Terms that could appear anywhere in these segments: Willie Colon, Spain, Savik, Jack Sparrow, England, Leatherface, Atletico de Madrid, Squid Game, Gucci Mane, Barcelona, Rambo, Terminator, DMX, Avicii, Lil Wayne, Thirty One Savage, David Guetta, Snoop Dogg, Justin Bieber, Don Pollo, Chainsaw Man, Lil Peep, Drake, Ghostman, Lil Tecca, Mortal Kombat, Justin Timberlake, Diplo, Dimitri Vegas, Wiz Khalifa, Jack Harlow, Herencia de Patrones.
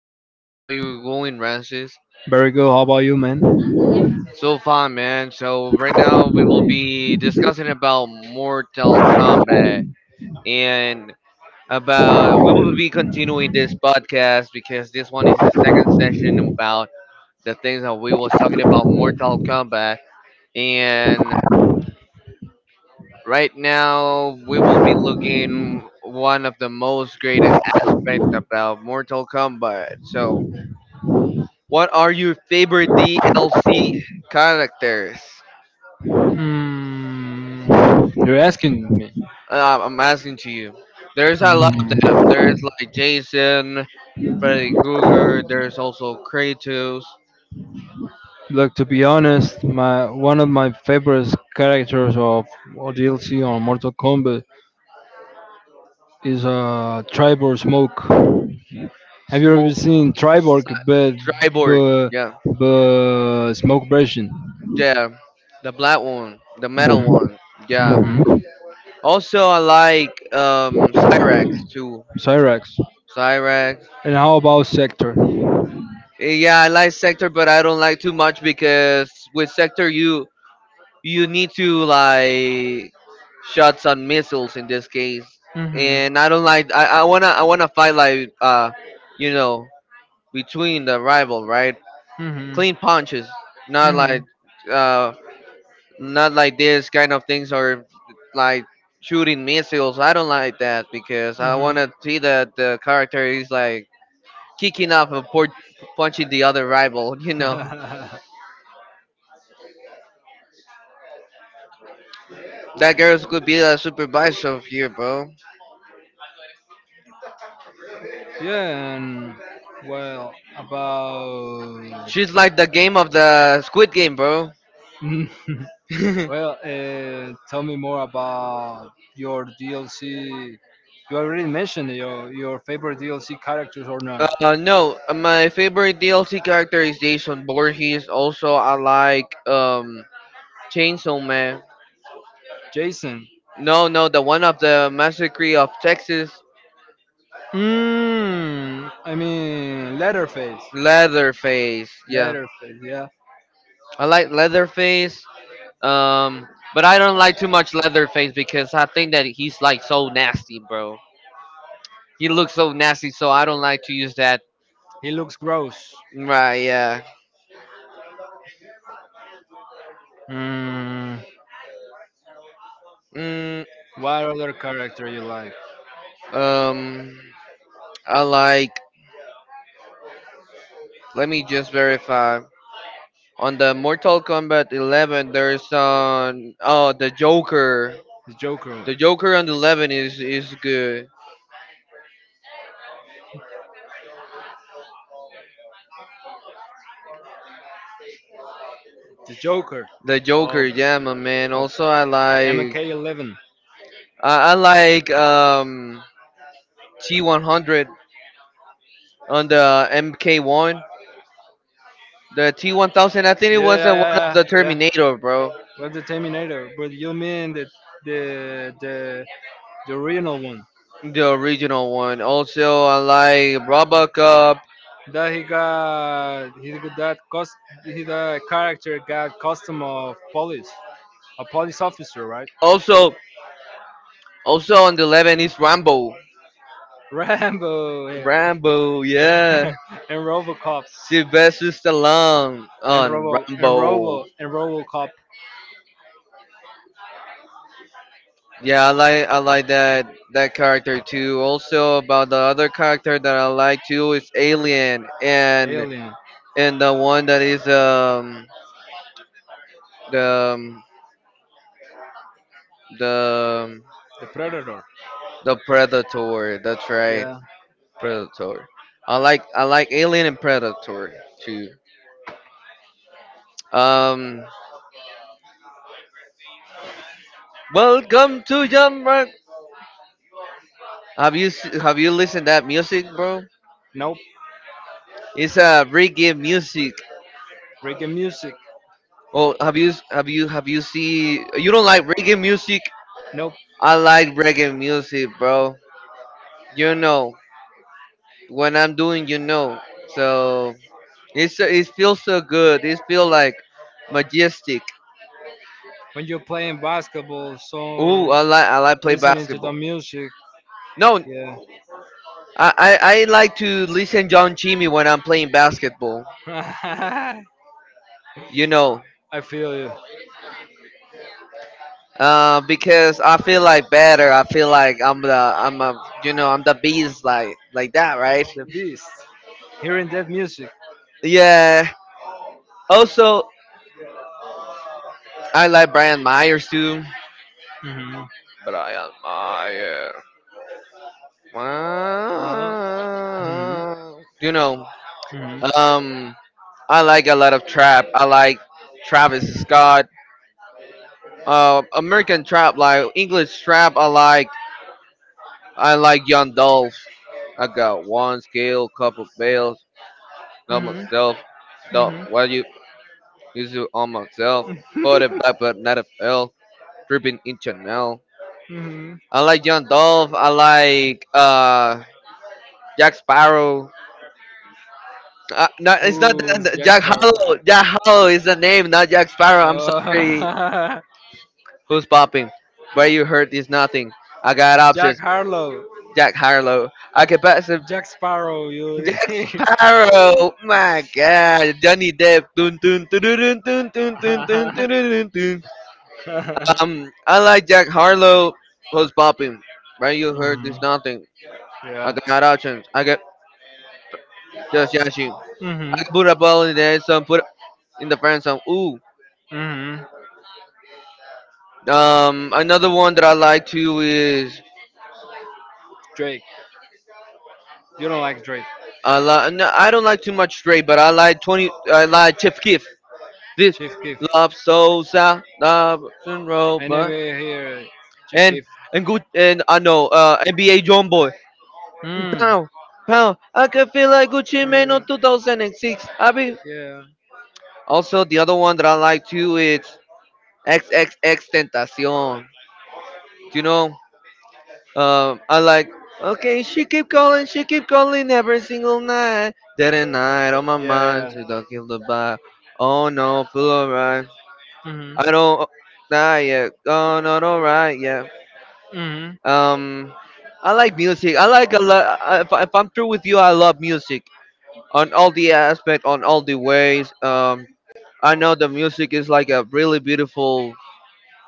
Francis. How are you going, Francis? Very good. How about you, man? So fine, man. So right now we will be discussing about Mortal Kombat and about we will be continuing this podcast because this one is the second session about the things that we was talking about Mortal Kombat and right now we will be looking one of the most greatest aspect about Mortal Kombat. So what are your favorite DLC characters? Hmm. You're asking me. I'm asking to you. There's a lot of them. Hmm. There's like Jason, Freddy Krueger. There's also Kratos, Look, to be honest, my one of my favorite characters of or DLC on Mortal Kombat is Tribor Smoke. Have you ever Smoke, seen Tribor but Cyborg. but, Yeah, but Smoke version? yeah. The black one, the metal one. Yeah. Mm-hmm. hmm Also, I like Cyrax too. Cyrax. Cyrax. And how about Sector? Yeah, I like Sector, but I don't like too much because with Sector you need to like shots on missiles in this case. Hmm And I don't like I wanna fight like you know, between the rival, right? hmm Clean punches, not hmm like uh not like this kind of things, or like shooting missiles. I don't like that because I hmm wanna see that the character is like kicking off and punching the other rival you know, that girl could be a supervisor of here, bro. yeah, and well, about. She's like the game of the Squid Game, bro. Well, tell me more about your DLC. You already mentioned your favorite DLC characters or not. No, my favorite DLC character is Jason Voorhees. Also, I like Chainsaw Man. Jason. No, no, the one of the Massacre of Texas, I mean, Leatherface. Leatherface. Yeah, Leatherface, yeah. I like Leatherface. Um, but I don't like too much Leatherface because I think that he's like so nasty, bro. He looks so nasty, so I don't like to use that. He looks gross. Right? Yeah. Mm, Mm, what other character you like? um, I like. Let me just verify. On the Mortal Kombat 11, there's on oh the Joker. The Joker. The Joker on the 11 is good. The Joker The Joker, of, yeah, my man. of Also, I like MK11. I like T100 on the MK1. The T1000, I think it Yeah, was yeah, the one of yeah, the yeah. yeah. Terminator, bro. What's the Terminator? But you mean the the original one? The original one. Also, I like Robocop. That he got that cost, he the character got custom of police, a police officer, right? Also, also on the 11 is Rambo. Rambo, eh, Rambo, yeah. and Robocop Sylvester Stallone and on robo and Rambo. robo and robocop Yeah, I like that character too. Also about the other character that I like too is Alien, Alien. and the one that is the um, the um, The predator. the Predator. That's right, Yeah. Predator. I like Alien and Predator too. Um, welcome to Jump Rock. Have you listened to that music, bro? Nope. It's a reggae music. Reggae music. Oh, have you see? You don't like reggae music? Nope. I like reggae music, bro. You know, when I'm doing, you know. So it's it feels so good. It feels like majestic. When you're playing basketball, Ooh, so I like play listening to the basketball. music, No, yeah. I like to listen John Chimmy when I'm playing basketball. I You know, feel you. Because I feel like better. I feel like I'm a, you know, I'm the beast, like that, right? The beast. Hearing that music. Yeah. Also, I like Brian Myers too. Hmm Brian Myers. Uh-huh. hmm Wow. You know, hmm um, I like a lot of trap. I like Travis Scott, American trap, like English trap. I like Young Dolph. I got one scale, couple bells, not hmm myself. Don't hmm what you use it on myself. Put it back, but not a fell. Dripping in Chanel. hmm I like Young Dolph. I like Jack Sparrow. No, it's not Who's that. Jack Jack Sparrow? Hollow. Jack Hollow is the name, not Jack Sparrow. I'm sorry. Oh. Who's popping? Where you hurt is nothing. I got Jack options. Harlow. Jack Harlow. I can pass it. Jack Sparrow, you. Jack Sparrow. Oh my God. Johnny Depp. Dun, dun, dun, dun, dun, dun, dun, dun, dun, dun, dun. I like Jack Harlow. Who's popping? Where you hurt hmm is nothing. I Yeah. got options. I get just Yashi. I hmm can put a ball in the end zone. Put in the friend zone. Ooh. hmm Another one that I like to is. Drake. You don't like Drake. I like. No, I don't like too much straight, but I like 20. I like Tiff Kiff. This Chief Keef. love so south love and I never robot, hear Chief and Keef. and good. And I know NBA John Boy. Hmm. Pow pow. I can feel like Gucci Mane on 2006. I be Yeah. also the other one that I like too is XXX Tentacion. Do you know? I like. Okay, she keep calling every single night. Day and night on my Yeah. mind, Yeah. she don't kill the vibe. Oh no, feel Yeah. alright. Mhm. I don't die yet. Oh no, alright, yeah. Mhm. Um, I like music. I like a lot. If I'm through with you, I love music on all the aspect, on all the ways. I know the music is like a really beautiful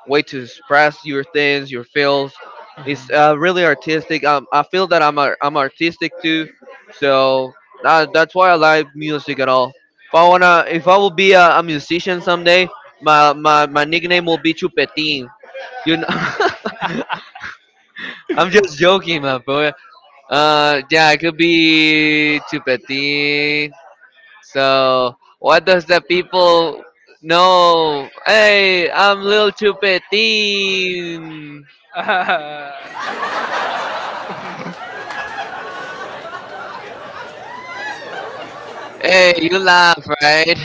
way to express your things, your feels. It's really artistic. I feel that I am artistic too, so that's why I like music at all. If I will be a musician someday, my nickname will be Chupetin. You know, I'm just joking, my boy. Yeah, it could be Chupetin. So what does the people know? Hey, I'm Lil Chupetin. Hey, you laugh, right?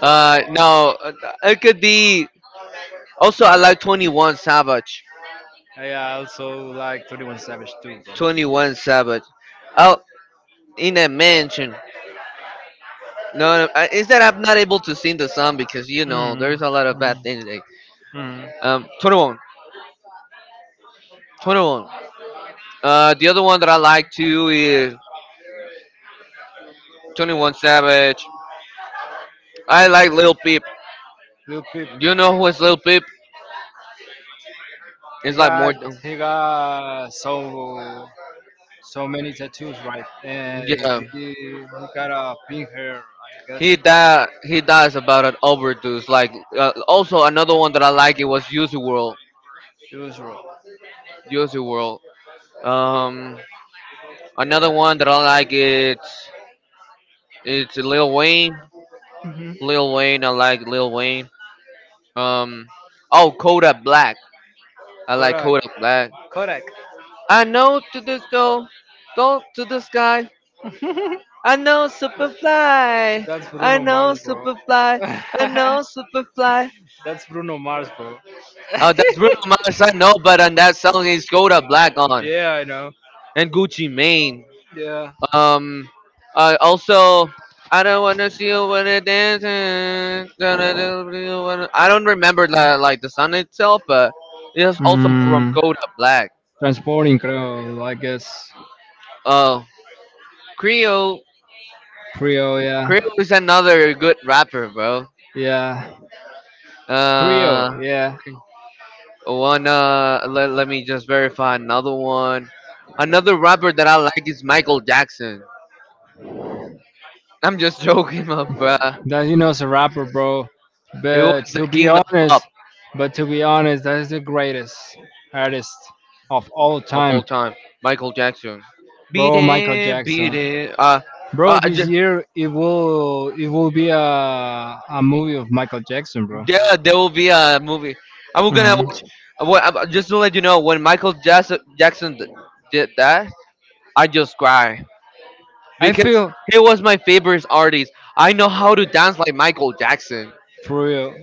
No, it could be. Also, I like 21 Savage. I also like 31 Savage too, bro. 21 Savage. Out in that mansion. No, no, I- it's that I'm not able to sing the song because you know Mhm. there's a lot of bad Mhm. things. Like, Mhm. 21, 21. The other one that I like too is 21 Savage. I like Lil Peep. Lil Peep, You know who is Lil Peep? he It's like more. got he got so many tattoos, right? And Yeah, he got a pink hair, I guess. he died. He dies about an overdose. Like also another one that I like it was Uzi World. It was wrong. Uzi World. Um, another one that I like it's Lil Wayne. Lil Wayne. I like Lil Wayne. Um, oh Kodak Black. I like Kodak, Kodak Black. Kodak. I know to this though, go to the sky. I know Superfly. That's I Bruno know Mars, bro. Superfly. I know Superfly. That's Bruno Mars, bro. Oh, that's Bruno Mars. I know, but on that song he's Kodak Black on. Yeah, I know. And Gucci Mane. Yeah. Um, also, I don't wanna see you when it dances. Gonna do you wanna- I don't remember the, like the song itself, but it's also from Mm, Code Black. transporting creo, I guess. Oh, Creo, Creo, yeah. Creo is another good rapper, bro. Yeah. Creo, Uh, yeah. Let me just verify another one. Another rapper that I like is Michael Jackson. I'm just joking, my bruh. That you know, as a rapper, bro. He was But to the be king of pop. honest, but to be honest, that is the greatest artist of all Of all time, time, Michael Jackson. Beat bro. Michael it, beat Jackson, it. Bro. uh, This just, year it will be a movie of Michael Jackson, bro. yeah, there will be a movie. I'm gonna Mhm. what, just to let you know, when Michael Jackson did that, I just cried I because feel he was my favorite artist. I know how to dance like Michael Jackson. for real.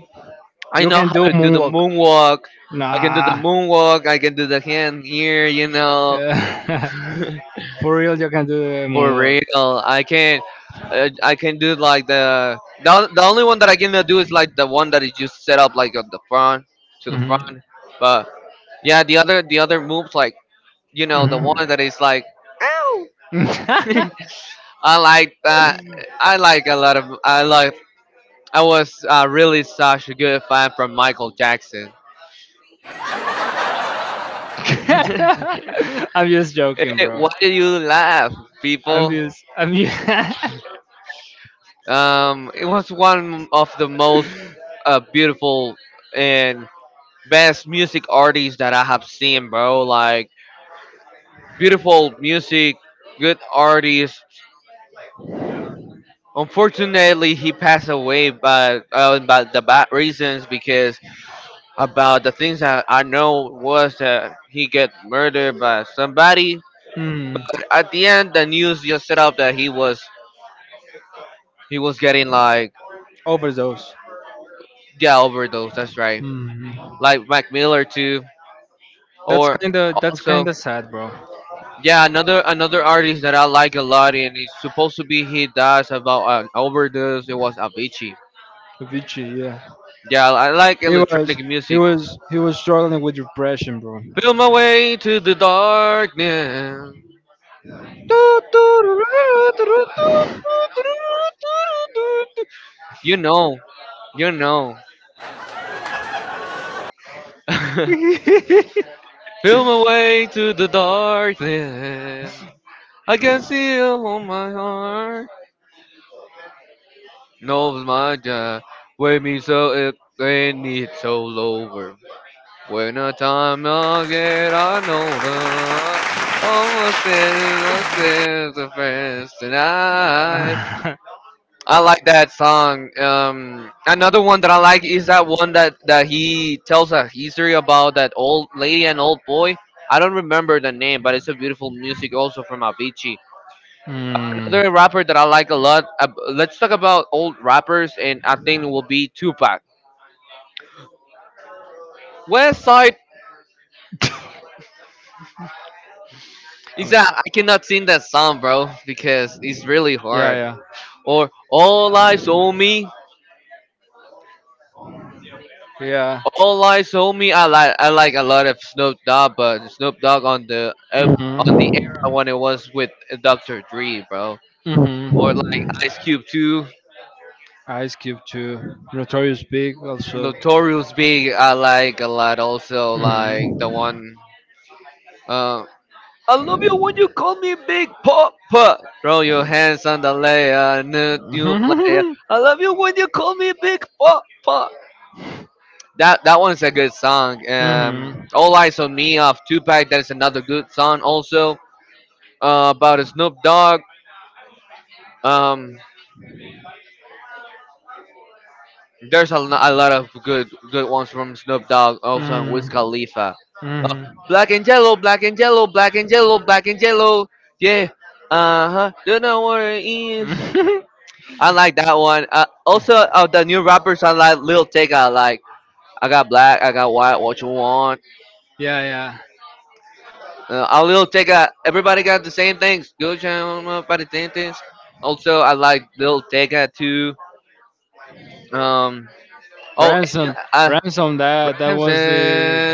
I You know can how do to do the moonwalk. moonwalk. I can do the Nah. moonwalk. I can do the hand here, you know. Yeah. For real, you can do the For moonwalk. real, I can. I can do like the only one that I can do is like the one that you just set up, like at the front to the front. Mhm. But yeah, the other, the other moves like, you know, the Mhm. one that is like ow. I like that. I like a lot of I like. I was, really such a good fan from Michael Jackson. I'm just joking, Eh, bro. why do you laugh, people? Abuse. Abuse. It was one of the most beautiful and best music artists that I have seen, bro. Like beautiful music, good artists. Unfortunately, he passed away, but the bad reasons, because about the things that I know was that he get murdered by somebody. hmm. But at the end, the news just set up that he was getting like, Overdose. yeah, overdose. That's right, Hmm. like Mac Miller too, or That's also. kinda sad, bro. Yeah, another artist that I like a lot and it's supposed to be he dies about an overdose. It was Avicii. Avicii. Yeah. Yeah, I like He was electronic he music. was he was struggling with depression, bro. Feel my way to the darkness. You know, you know. Feel my way to the darkness. I can see you on my heart. Knows my job. Wake me so it when it's all over. When the time I get on older, all my sins of friends tonight. I like that song. Another one that I like is that one that he tells a history about that old lady and old boy. I don't remember the name, but it's a beautiful music also from Avicii. Mm. Another rapper that I like a lot. Let's talk about old rappers, and I think it will be Tupac. Westside. Oh my. Exactly. I cannot sing that song, bro, because it's really Yeah, hard. yeah. Or all eyes on me, Yeah. all eyes on me. I like a lot of Snoop Dogg, but Snoop Dogg on on the Mm-hmm. era when it was with Dr. Dre, bro. Or like Mm-hmm. Ice Cube too. Ice Cube too. Notorious Big also. Notorious Big. I like a lot. Also like the one. Uh, I love you when you call me Big Mm-hmm. Papa. Throw your hands on the layer, new player. I love you when you call me Big Papa. That that one is a good song. Mm-hmm. All Eyes on Me off Tupac. That is another good song. Also about Snoop Dogg. Um, there's a lot of good ones from Snoop Dogg. Also on Wiz Khalifa. Uh, Mm-hmm. black and yellow, black and yellow, black and yellow, black and yellow. Yeah. Uh huh. Don't know what it is. Mm-hmm. I like that one. Also of the new rappers, I like Lil Tecca. I like I got black, I got white. What you want? yeah, yeah. A little Tech everybody got the same things. Good channel about the same things. Also, I like Lil Tecca too. Um. Oh, and, Ransom, uh, ransom. That was the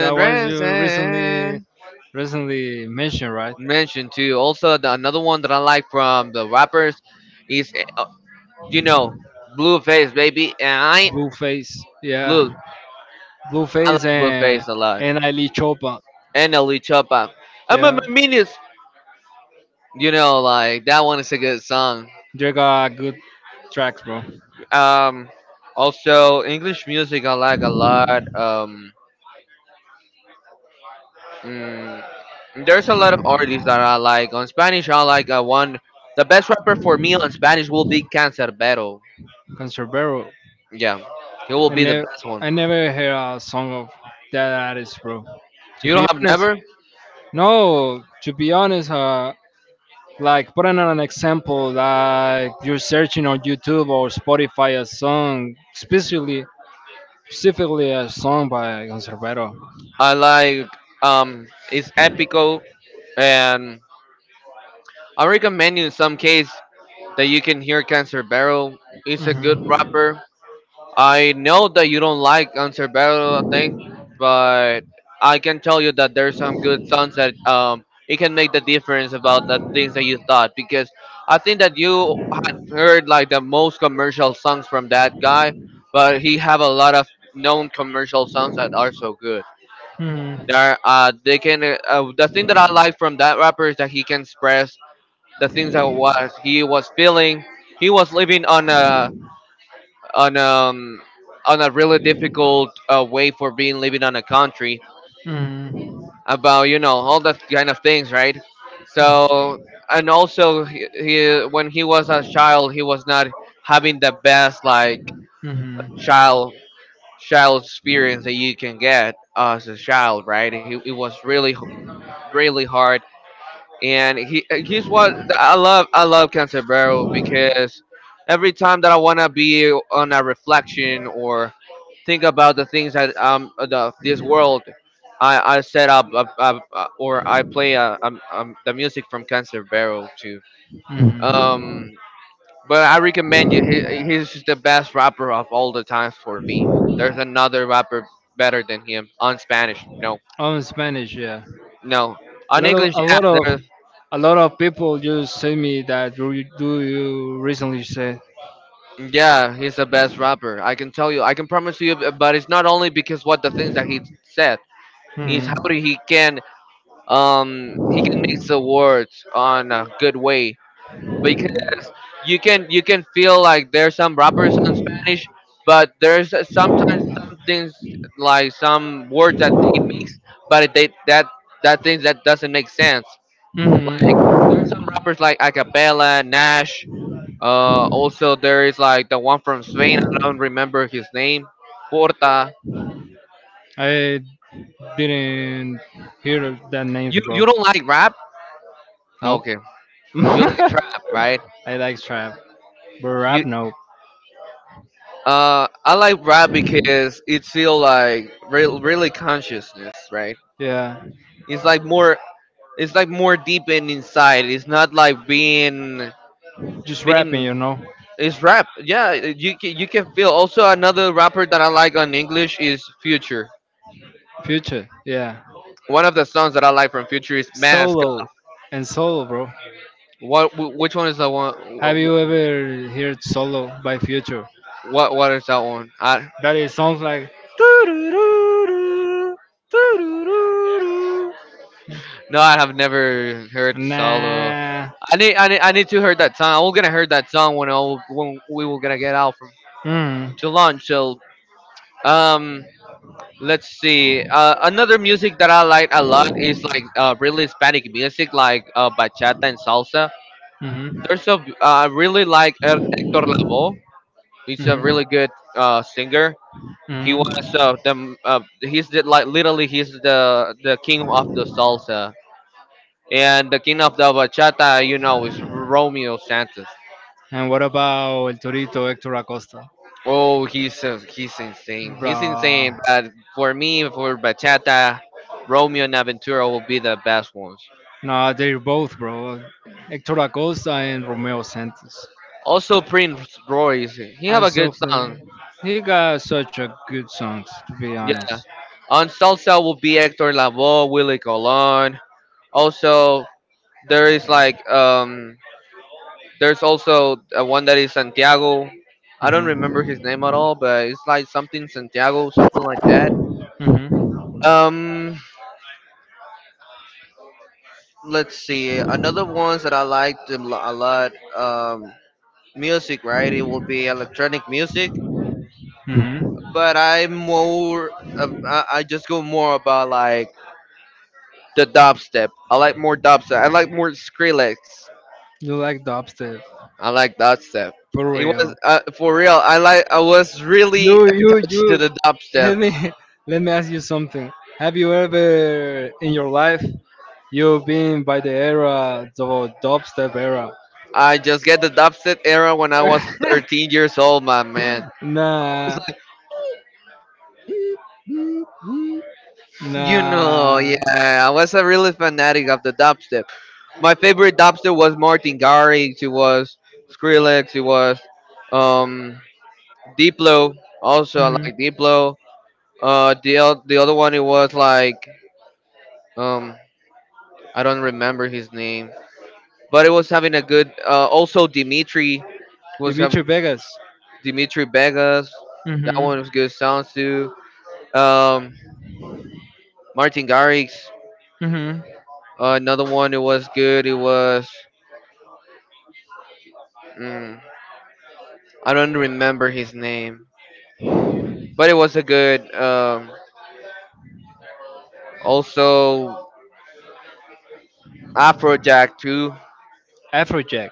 that was your recently Branson recently mentioned, right? mentioned too. Also, the, another one that I like from the rappers is, you know, Blueface baby, and I ain't Blueface, yeah, blue. I like Blueface Blueface a lot, and Ali Chopa, and Ellie Choppa. I'm a yeah, menace. You know, like that one is a good song. they got good tracks, bro. Um, also, English music I like a lot. Mm, there's a lot of artists that I like. On Spanish, I like one. The best rapper for me on Spanish will be Cancerbero. Cancerbero, Yeah, he will I be the never best one. I never heard a song of that artist, bro. To You be don't have honest, never. no, to be honest, like putting on an example, like you're searching on YouTube or Spotify a song, specifically a song by Conservero. I like it's Epico, and I recommend you in some case that you can hear Cancerbero. He's a Hmm good rapper. I know that you don't like Cancerbero, I think, but I can tell you that there's some good songs that it can make the difference about the things that you thought because I think that you had heard like the most commercial songs from that guy, but he have a lot of known commercial songs that are so good. There, they can. The thing that I like from that rapper is that he can express the things that was he was feeling. He was living on a on on a really difficult way for being living on a country hmm about you know all that kind of things, right? So and also he when he was a child, he was not having the best like child child experience that you can get as a child, right? He, it was really really hard and he he's what I love. I love Canserbero because every time that I wanna be on a reflection or think about the things that the this world, I set up or I play the music from Canserbero too. hmm Um, but I recommend you. He's just the best rapper of all the times for me. There's another rapper better than him on Spanish. No, Oh, in Spanish, yeah. no. A On lot of English, a lot of yeah. a lot of people just say me that do you recently said. Yeah, he's the best rapper. I can tell you. I can promise you. But it's not only because what the things that he said is Hmm how do he can mix the words on a good way because you can feel like there's some rappers on Spanish, but there's sometimes some things hmm like some words that they mix, but they that that things that doesn't make sense. Like some rappers like Acapella, Nash, also, there is like the one from Spain. I don't remember his name. Porta. I didn't hear that name You before. you don't like rap? Nope. Okay. You like trap, right? I like trap, but You rap, nope. I like rap because it's still like really consciousness, right? Yeah, It's like more. It's like more deep and inside. It's not like being just rapping, being. you know. It's rap. Yeah, you can feel. Also, another rapper that I like on English is Future. Future, yeah. One of the songs that I like from Future is Mask. Solo and Solo, bro. What? Which one is that one? Have you ever heard Solo by Future? What? What is that one? I That it sounds like "Doo-doo-doo-doo, doo-doo-doo-doo." no, I have never heard solo. Nah. I need to hear that song. I'm gonna hear that song when when we were gonna get out from Hmm. to lunch. So um, let's see. Another music that I like a lot is like really Hispanic music like bachata and salsa. There's a I really like Hector Mhm. Lavoe. He's a really good singer. He Mhm. was Mhm. The he's the, like literally he's the king of the salsa and the king of the bachata. You know is Romeo Santos. And what about El Torito Hector Acosta? Oh, he's insane. He's Bruh. insane. But for me, for bachata, Romeo and Aventura will be the best ones. Nah, they're both, bro. Hector Acosta and Romeo Santos. Also, Prince Royce. He have a Also, good song. play- he got such a good songs, to be Yeah. honest. On salsa will be Hector Lavoe, Willie Colon. Also, there is like there's also one that is Santiago. I don't remember Hmm his name at all, but it's like something Santiago, something like that. hmm Um, let's see. Another ones that I liked a lot. Music, right? It will be electronic music, hmm but I'm more. I just go more about like the dubstep. I like more dubstep. I like more Skrillex. You like dubstep, I like dubstep. for It real. was for real. I like. I was really You, you, attached to you. the Let dubstep. me, let me ask you something. Have you ever in your life you've been by the era, the dubstep era? I just get the dubstep era when I was 13 years old, my man. nah, You know, nah. yeah, I was a really fanatic of the dubstep. My favorite dubstep was Martin Garrix, it was Skrillex, it was um, Diplo. Also, I Mhm. like Diplo. The other one it was like um, I don't remember his name, but it was having a good. Also, Dimitri was have Dimitri Vegas. Dimitri Vegas. That Hmm one was good sounds too. Um, Martin Garrix. hmm Another one that was good. It was mm, I don't remember his name, but it was a good. Also Afrojack too. Afrojack.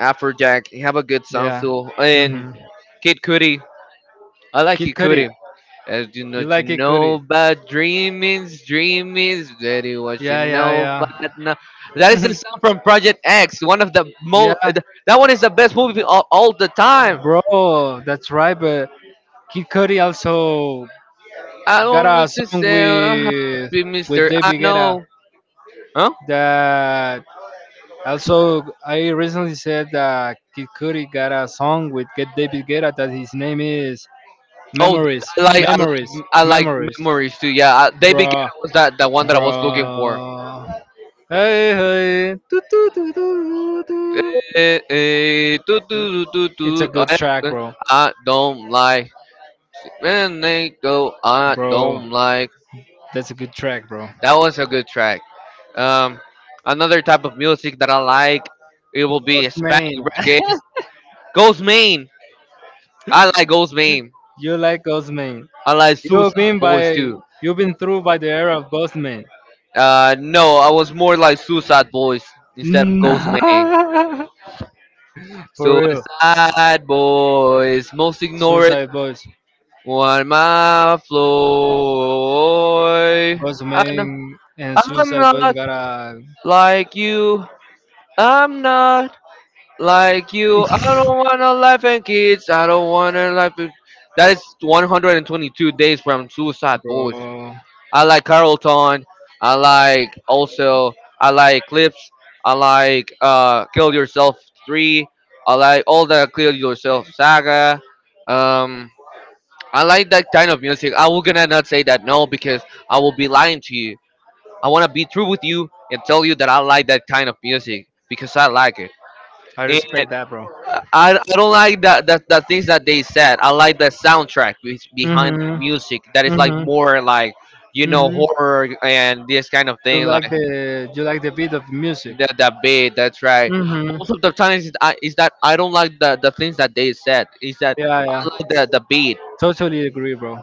Afrojack he have a good sound Yeah. too. And hmm Kid Cudi. I like Kid Kid Cudi. Cudi. As You you like Kid know Cudi? about dreamings, dreamings, that is what you Yeah, yeah, know yeah. about now. That is the Mhm. song from Project X, one of the most. Yeah, That one is the best movie all the time. bro. That's right. But Kid Cudi also I got don't a want to song say happy with Mr. I David Guetta. know. Huh? That also I recently said that Kid Cudi got a song with Get David Guetta that his name is Oh, Memories, Memories, I like Memories, memories too. Yeah, they began bro, was that the one that I was looking for. bro. Hey hey, doo, doo, doo, doo, doo. Eh, eh, eh, do, do, do, do, do, It's a good eh, track, eh, bro, I don't like man they go I bro. don't like That's a good track, bro. that was a good track. Um another type of music that I like it will be Hispanic Osman, reggae. Ghost Main. I like Ghost Main. you like Osman? I like You've Suicide been Boys by too. you've been through by the era of Ghostman. No, I was more like Suicide Boys instead of Nah. Ghostman. For real. Suicide Boys, most ignored Suicide Boys. on my floor. I know Ghostman and I'm Suicide Boys not gotta like you. I'm not like you. I don't wanna laugh at kids. I don't wanna laugh. At... That is 122 days from Suicide Boys. bro. I like Carlton. I like also I like Clips. I like Kill Yourself Three. I like all the Kill Yourself saga. Um, I like that kind of music. I will gonna not say that no because I will be lying to you. I wanna be true with you and tell you that I like that kind of music because I like it. I respect that bro. I don't like the things that they said. I like the soundtrack behind the Mhm. music that is like Mhm. more like you know Mhm. horror and this kind of thing like You like the beat of music. that bit that's right. Mhm. Most of the times is that I don't like the things that they said. Is that Yeah, I yeah. like the beat. Totally agree, bro.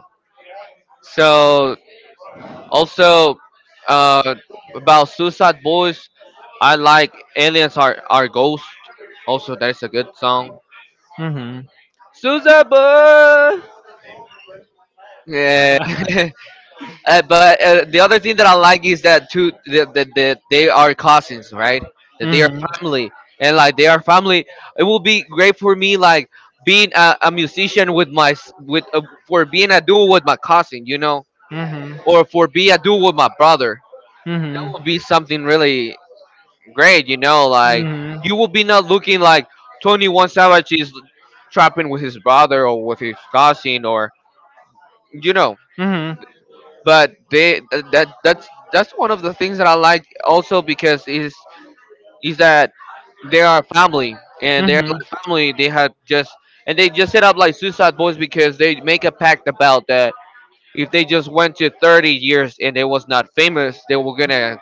So also uh, about Suicide Boys, I like Aliens Are Ghosts. Also, that is a good song. Mhm. Suicide Boys. Yeah. But the other thing that I like is that too that they are cousins, right? That they hmm are hmm hmm family, and like they are family. It will be great for me, like being a musician with for being a duo with my cousin, you know, or for being a duo with my brother. Will be something really great, you know. Like you will be not looking like 21 Savage is trapping with his brother or with his cousin, or you know. But they that that's one of the things that I like also because is that they are family and hmm they're hmm family. They just set up like Suicide Boys because they make a pact about that if they hmm just went to 30 years and they was not famous, they were gonna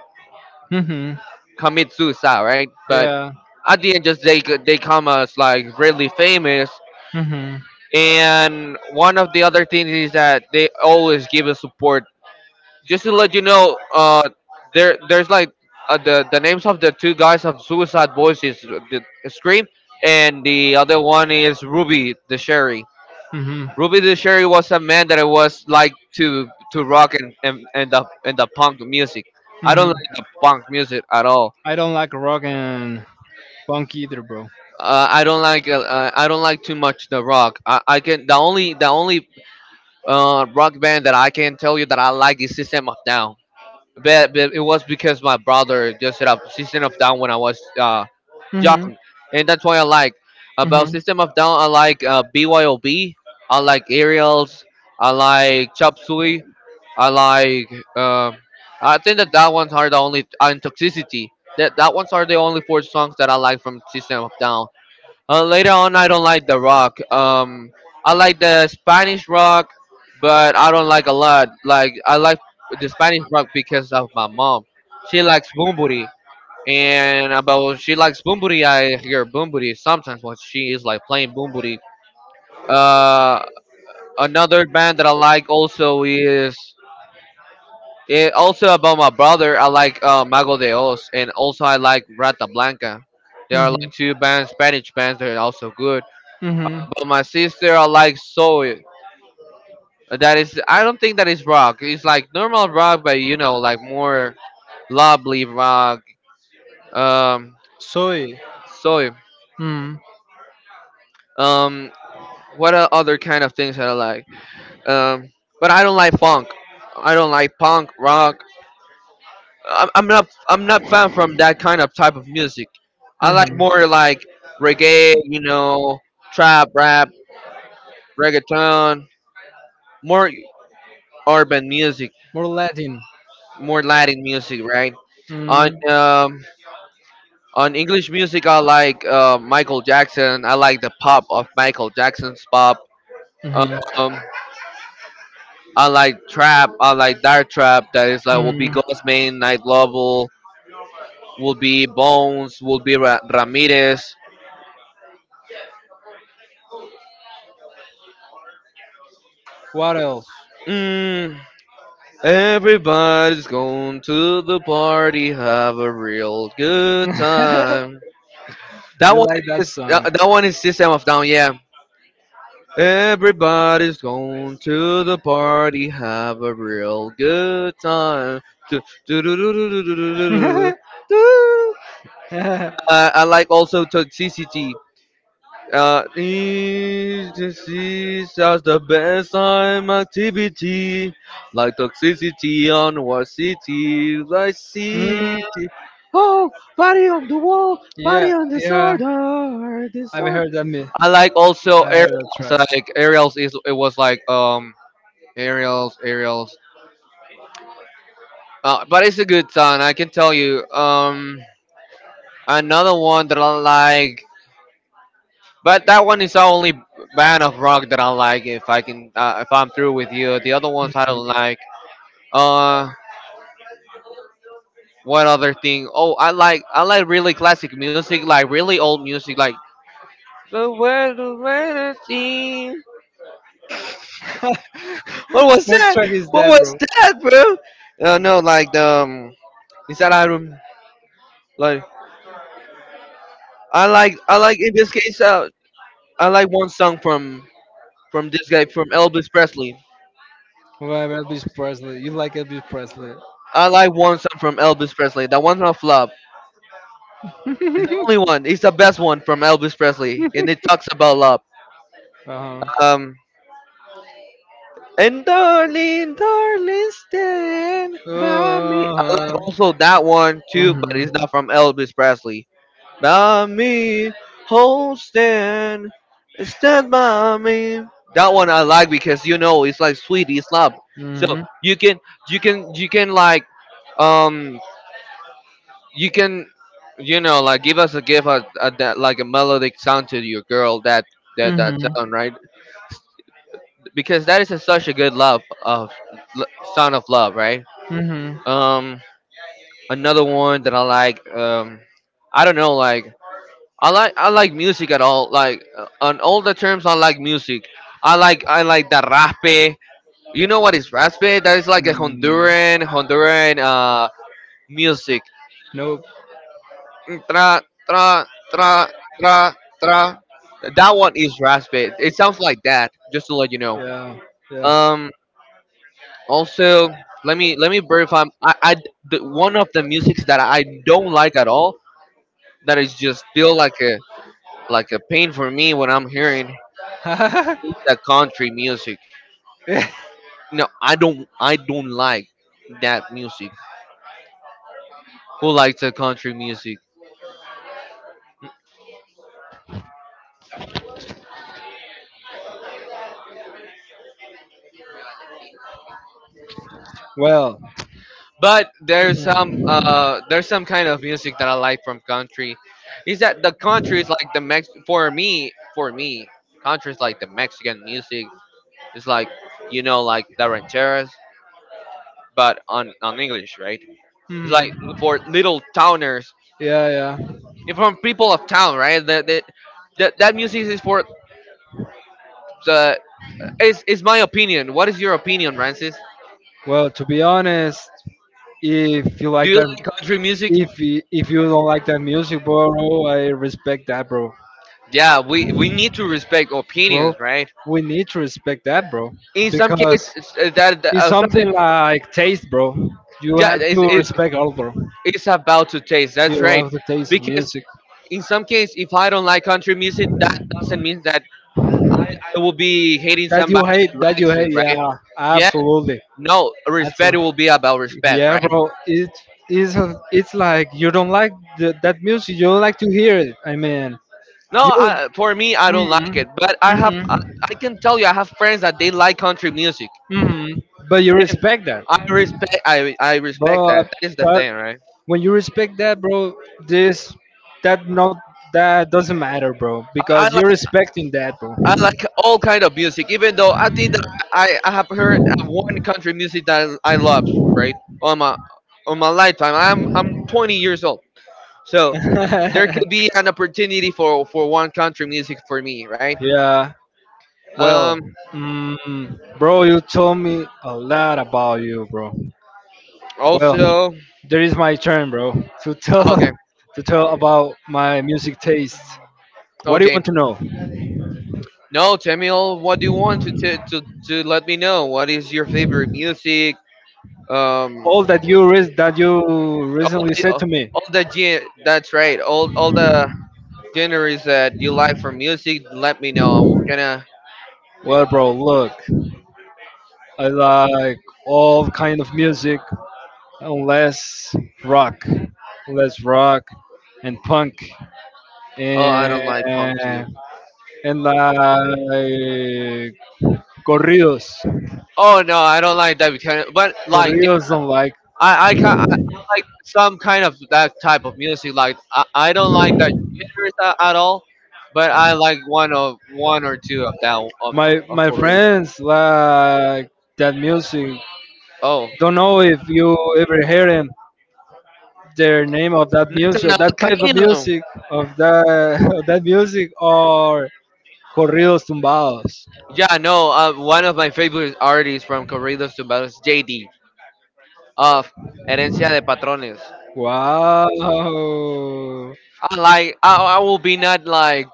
Mm-hmm. commit suicide, right? But Yeah. at the end, just they come as like really famous. Mm-hmm. And one of the other things is that they always give us support just to let you know, there's like the names of the two guys of Suicide Boys is the Scream, and the other one is Ruby the Sherry. Mm-hmm. Ruby the Sherry was a man that I was like to rock and the punk music. I Mm-hmm. don't like the punk music at all. I don't like rock and punk either, bro. I don't like too much the rock. I can the only rock band that I can tell you that I like is System of Down. But it was because my brother just set up System of Down when I was young, Mm-hmm. and that's why I like about System of Down. I like BYOB. I like Aerials. I like Chop Suey. I like. Um I think that that ones are the only and Toxicity. That that ones are the only four songs that I like from System of Down. Later on, I don't like the rock. I like the Spanish rock, but I don't like a lot. Like I like the Spanish rock because of my mom. She likes Bumburi, and about she likes Bumburi. I hear Bumburi sometimes when she is like playing Bumburi. Uh, Another band that I like also is it also about my brother. I like Mago de Oz, and also I like Rata Blanca. There hmm are hmm like two bands, Spanish bands that are also good. But my sister, I like soul. That is, I don't think that is rock. It's like normal rock, but you know, like more lovely rock. Um, Soy. Soul. Mm. Um, what are other kind of things that I like? Um, but I don't like funk. I don't like punk rock. I'm not. I'm not fan from that kind of type of music. I hmm like more like reggae, trap, rap, reggaeton, more urban music. More Latin. More Latin music, right? On Mm. um, on English music, I like Michael Jackson. I like the pop of Michael Jackson's pop. hmm Um, I like trap. I like dark trap. That is like will be hmm Ghostman, Night Lovell, will be Bones, will be Ramirez. What else? Mm, everybody's going to the party, have a real good you time. That one like that song? that one is System of Down. Yeah, everybody's going to the party, have a real good time. Do, do, do, do, do, do, do, do, do, do, do. I like also toxicity. Is this as the best time activity, like toxicity on our city, like mm, city. Oh, party on the wall, party yeah, on yeah. disorder, I've disorder. heard that. Me. I like also I heard that Ariel's. track. Like Ariel's is it was like Ariel's Ariel's. But it's a good song. I can tell you. Another one that I like, but that one is the only band of rock that I like. If I can, if I'm through with you, the other ones I Mhm. don't like. Uh, what other thing? Oh, I like really classic music, like really old music, like the world is seen. What was what that? track is What that, was bro? that, bro? No, like the inside that room, like I like in this case, I like one song from this guy from Elvis Presley. Well, Elvis Presley. You like Elvis Presley? I like one song from Elvis Presley. That one's not flop. It's the only one. It's the best one from Elvis Presley, and it talks about love. Uh huh. Um, and darling, darling, stand by me. Uh huh. Also that one too, but Mhm. it's not from Elvis Presley. By me, hold stand, stand by me. That one I like because you know it's like sweet, it's love. So Mhm. you can you can like um you can you know like give us a give a that like a melodic sound to your girl that that Mhm. sound right because that is such a good love of l- sound of love right. Mhm. um Another one that I like. I don't know like I like music at all. Like on all the terms, I like music. I like the raspe. You know what is raspe? That is like a Mm, Honduran music. nope. Mm, tra, tra, tra, tra, tra. That one is raspe. It sounds like that. Just to let you know. Yeah. Yeah. Um. Also, let me verify. I The one of the musics that I don't like at all. That is just feel like a pain for me when I'm hearing. It's the country music. No, I don't. I don't like that music. Who likes the country music? well. But there's some kind of music that I like from country. Is that the country is like the Mex for me country is like the Mexican music. It's like you know like the rancheras, but on English, right? It's Hmm. like for little towners, Yeah, yeah. it's from people of town, right? That music is for the. It's my opinion. What is your opinion, Francis? Well, to be honest, if you Do like you that, like country music? If you don't like that music, bro, I respect that, bro. Yeah, we need to respect Bro, opinions, right? we need to respect that, bro, In some because cases, it's something, something like taste, bro. You yeah, have to respect all, bro. it's about to taste. That's You right. have to taste Because music in some case, if I don't like country music, that doesn't mean that it will be hating that you somebody hate, that that you likes it, hate. Yeah, right? Yeah, absolutely, no, respect absolutely. will be about respect, Yeah, right? bro. It is. It's like you don't like the, that music. You don't like to hear it. I mean, No, you. For me, I don't like Hmm it, but hmm I can tell you, I have friends that they like country music. hmm But you And respect that, I respect bro. that. That is the That, thing, right? when you respect that, bro, this that not that doesn't matter, bro, I because like you're respecting that, bro. I like all kind of music, even though I think that I have heard one country music that I love, right? On my lifetime. I'm 20 years old. So there could be an opportunity for one country music for me, right? yeah. Well, Um mm, bro, you told me a lot about you, bro. Well, Also there is my turn, bro, to tell okay. to tell about my music taste. What do you Okay. want to know? No, tell me all what do you want to, to let me know. What is your favorite music? Um All that you that you all recently the said to me. all the that's right all the genres that you like for music let me know we're gonna. Well, bro, look, I like all kind of music, unless rock, unless rock and punk Oh, I don't like punk and too. Like corridos. Oh no, I don't like that because but like Corridos yeah, don't like, I can I like some kind of that type of music like I don't like that genres at all but I like one of one or two of that my of my korea. friends like that music. Oh, Don't know if you ever hear them. Their name of that music, Nathaniel that type of Cano. music, of that of that music, or corridos tumbados. Yeah no, one of my favorite artists from corridos to is jd of Herencia de Patrones. Wow. I will be not like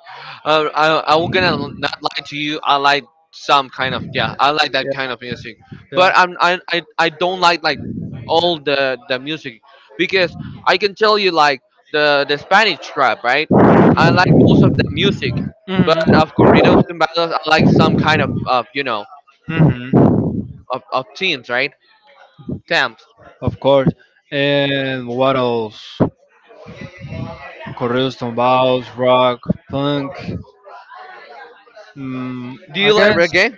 I will gonna Yeah, not lie to you. I like some kind of yeah. I like that kind of music, yeah, but I don't like all hmm the music because I can tell you like the Spanish trap right. I like most of the music, but of corridos and battles, I like some kind of you know hmm of teams right. Temps. Of course. And what else? Correos tumbados, rock, punk. Mm, Do I you like guess, reggae?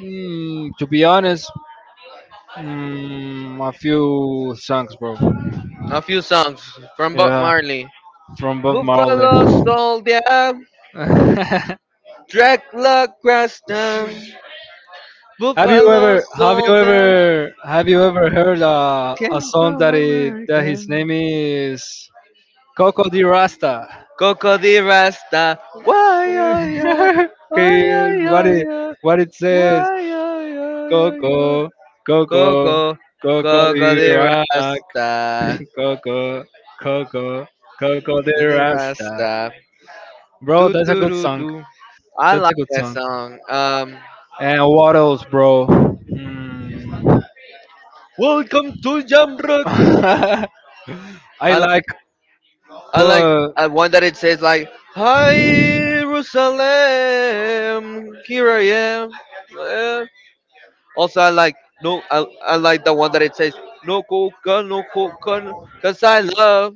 mm, to be honest, mm, a few songs, bro. A few songs from Bob Yeah. Marley. From Bob Marley. Buffalo soldier, have Dracula Creston. Buffalo soldier have you ever heard a came song from that it, that America. his name is Coco de Rasta? Coco de Rasta. Why, yeah, yeah. Why, yeah, okay, yeah, yeah. what it says? Why, yeah, yeah, yeah, Coco, yeah. Coco, Coco, Coco de Coco de Rock, Rasta. Coco, Coco, Coco de De Rasta. Rasta. Bro, Do, that's a do, good do, song. do. I That's a like good that song. song. And what else, bro? Hmm. Welcome to Jam Rock. I I like, like. I like but one that it says like hi Jerusalem, here I am. Eh. Also, I like no, I like the one that it says no coca, no coca, no cause I love.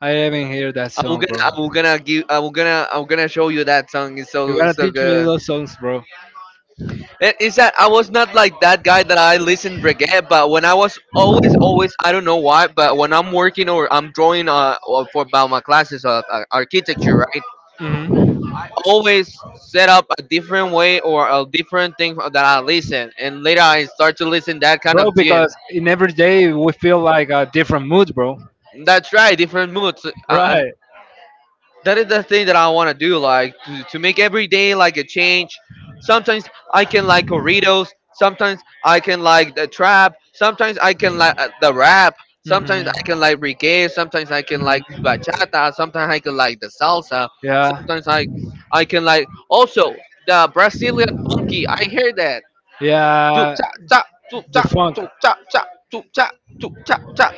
I haven't heard that song, bro. I'm gonna show you that song. You It's gotta so teach me good. those songs, bro. It, it's that I was not like that guy that I listened reggae, but when I was always, always, I don't know why, but when I'm working or I'm drawing or for about my classes architecture, right? Hmm Always set up a different way or a different thing that I listen, and later I start to listen that kind of Bro, gin. because in every day we feel like a different mood, bro. That's right, different moods. Right. That is the thing that I want to do, like to make every day like a change. Sometimes I can like corridos. Sometimes I can like the trap. Sometimes I can like the rap. Sometimes hmm I can like reggae. Sometimes I can hmm like bachata. Sometimes I can like the salsa. Yeah. Sometimes I can like also the Brazilian funky. I hear that. Chup Yeah, chap chap, chup the funk. Chap, chup chap, chup chap chap.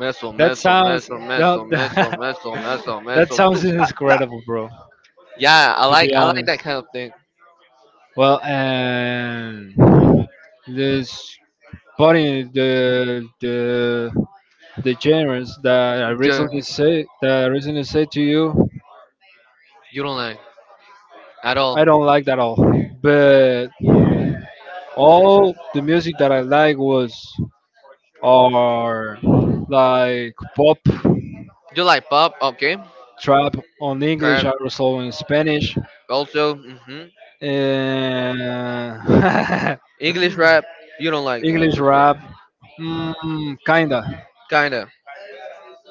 Meso, That meso, sounds meso, meso, meso, that, meso, meso, that meso, sounds chup chap chap. incredible, bro. To Yeah, be I like honest. that kind of thing. Well, and this body the genres that Ju- I recently said to you, You don't like at I don't all. like that all. But all the music that I like was are like pop, You like pop, okay? trap on English, Trap, also in Spanish. also. Hmm. Uh, English rap, you don't like the English English rap, rap. mm, kinda. Kinda.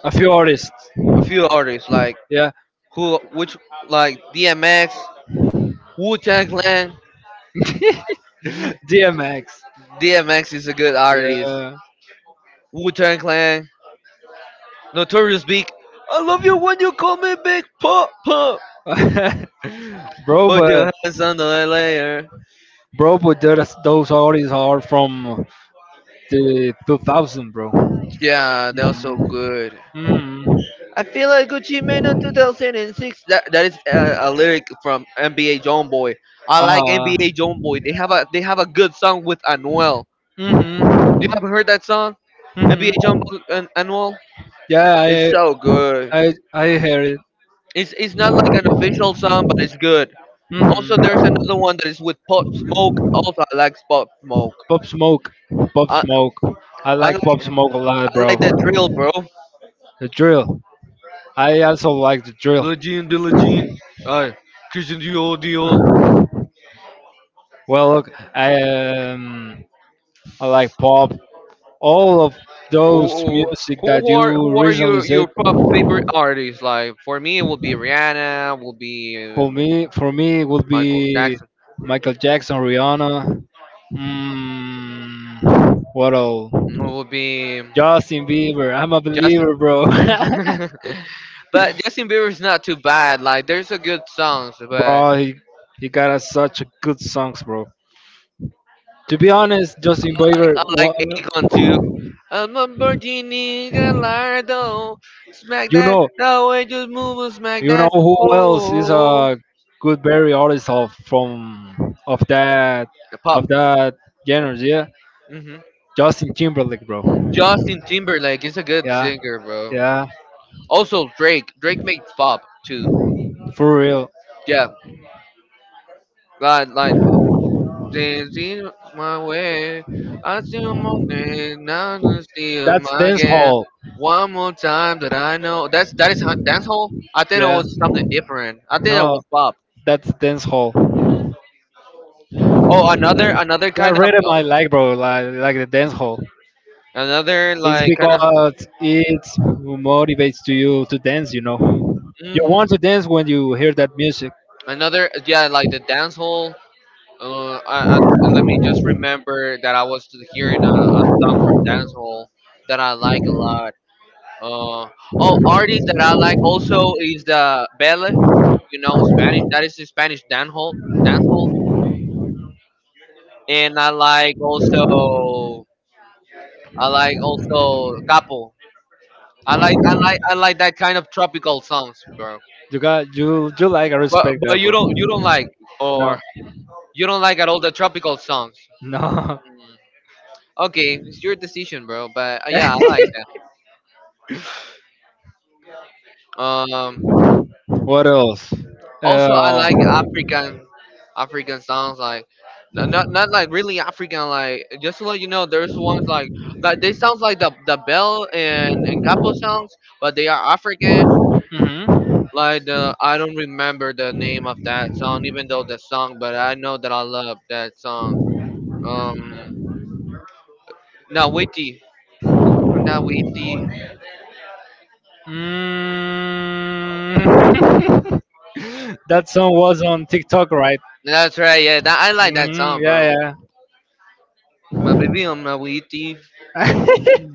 A few artists, A few artists like yeah. Which like DMX, Wu Tang Clan. DMX, DMX is a good artist. yeah. Wu Tang Clan. Notorious Big. I love you when you call me Big Papa. bro, Put your but hands on the layer. bro, but those artists are from the 2000, bro. Yeah, that was so Mm-hmm. good. Mm-hmm. I feel like Gucci Mane in 2006. That is a lyric from NBA John Boy. I like Uh, NBA John Boy. They have a good song with Anuel. You mm-hmm. haven't heard that song? NBA Mm-hmm. John Boy and Anuel. Yeah, It's I so good. I I hear it. It's not like an official song, but it's good. Also, there's Mm-hmm. another one that is with Pop Smoke. Also, I like Pop Smoke. Pop Smoke, Pop I Smoke. I I like Pop like, Smoke a lot, bro. like that drill, bro. The drill. I also like the drill. Legend, the Jean. Uh, Christian Dio. Well, look, I like pop. All of those Who music that who are you who are recently your said. Pop favorite artists? Like for me, it will be Rihanna. Will be For um, me, would Michael be Jackson. Michael Jackson, Rihanna. Mm, what else? It will be Justin Bieber. I'm a Justin. believer, bro. But Justin Bieber is not too bad. Like there's a good songs, but bro, he got us such good songs, bro. To be honest, Justin Bieber, I like wha- Akon too. A Lamborghini Gallardo, smack you that, know, no way, just move and smack you know that, who else is whoa. a good berry artist of from The of pop. that genre? Yeah, Hmm. Justin Timberlake, bro. Justin Timberlake is a good Yeah, singer, bro. yeah, Also Drake. Drake makes pop too. for real. Yeah, like dancing my way. I see him on day, now I see him That's dance again. hall. One more time that I know. That's dancehall. I think it Yeah, was something different. I think it was no, pop. that's dance hall. Oh, another That kind of rhythm I like, bro. Like the dance hall. another It's like kind of, because it motivates to you to dance, you know. You hmm, want to dance when you hear that music. another yeah, like the dancehall. Uh, I, I, let me just remember that I was hearing a song from Dancehall that I like a lot. Uh, oh, artist that I like also is the Belle, you know, Spanish. That is in Spanish Dancehall, Dancehall. And I like also Capo. I like that kind of tropical songs, bro. You got you you like, I But, respect but that, you don't bro. like, No, or you don't like at all the tropical songs. no. Mm. Okay, it's your decision, bro. But yeah, I like that. Um, what else? Also, I Uh, like African African songs like, not mhm. Like really African. Like, just to let you know, there's ones like they sounds like the bell and capo songs, but they are African. Like the, I don't remember the name of that song, even though the song, but I know that I love that song. um Nawiti. Ooh, Nawiti. Mm. that song was on TikTok, right? That's right, yeah, that, I like that hmm song, Yeah, bro. yeah. My baby, Mabibio Nawiti.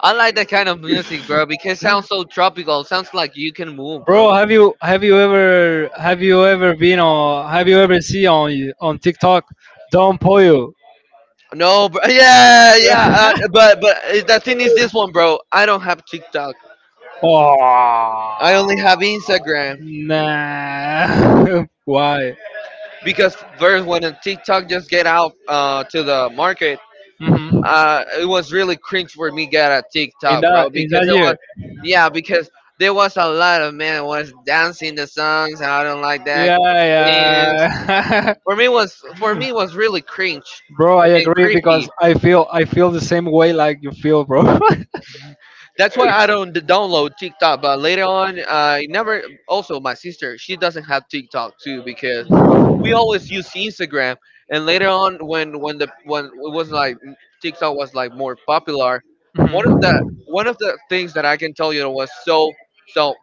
I like that kind of music, bro, because it sounds so tropical. Sounds like you can move, bro. Bro, have you ever been on have you ever seen on TikTok Don Pollo? No, bro. Yeah, yeah. But the thing is this one, bro. I don't have TikTok. I oh. only have Instagram Nah. Why? because first, when a TikTok just get out to the market, Hmm it was really cringe for me get a TikTok, bro, in because that it year. was, yeah, because there was a lot of men was dancing the songs. And I don't like that Yeah, things. yeah. For me was really cringe bro, I and agree creepy. because I feel the same way like you feel, bro. That's why I don't d- download TikTok. But later on, I never. Also, my sister, she doesn't have TikTok too because we always use Instagram. And later on, when the when it was like TikTok was like more popular, one of the one of the things that I can tell you that was so so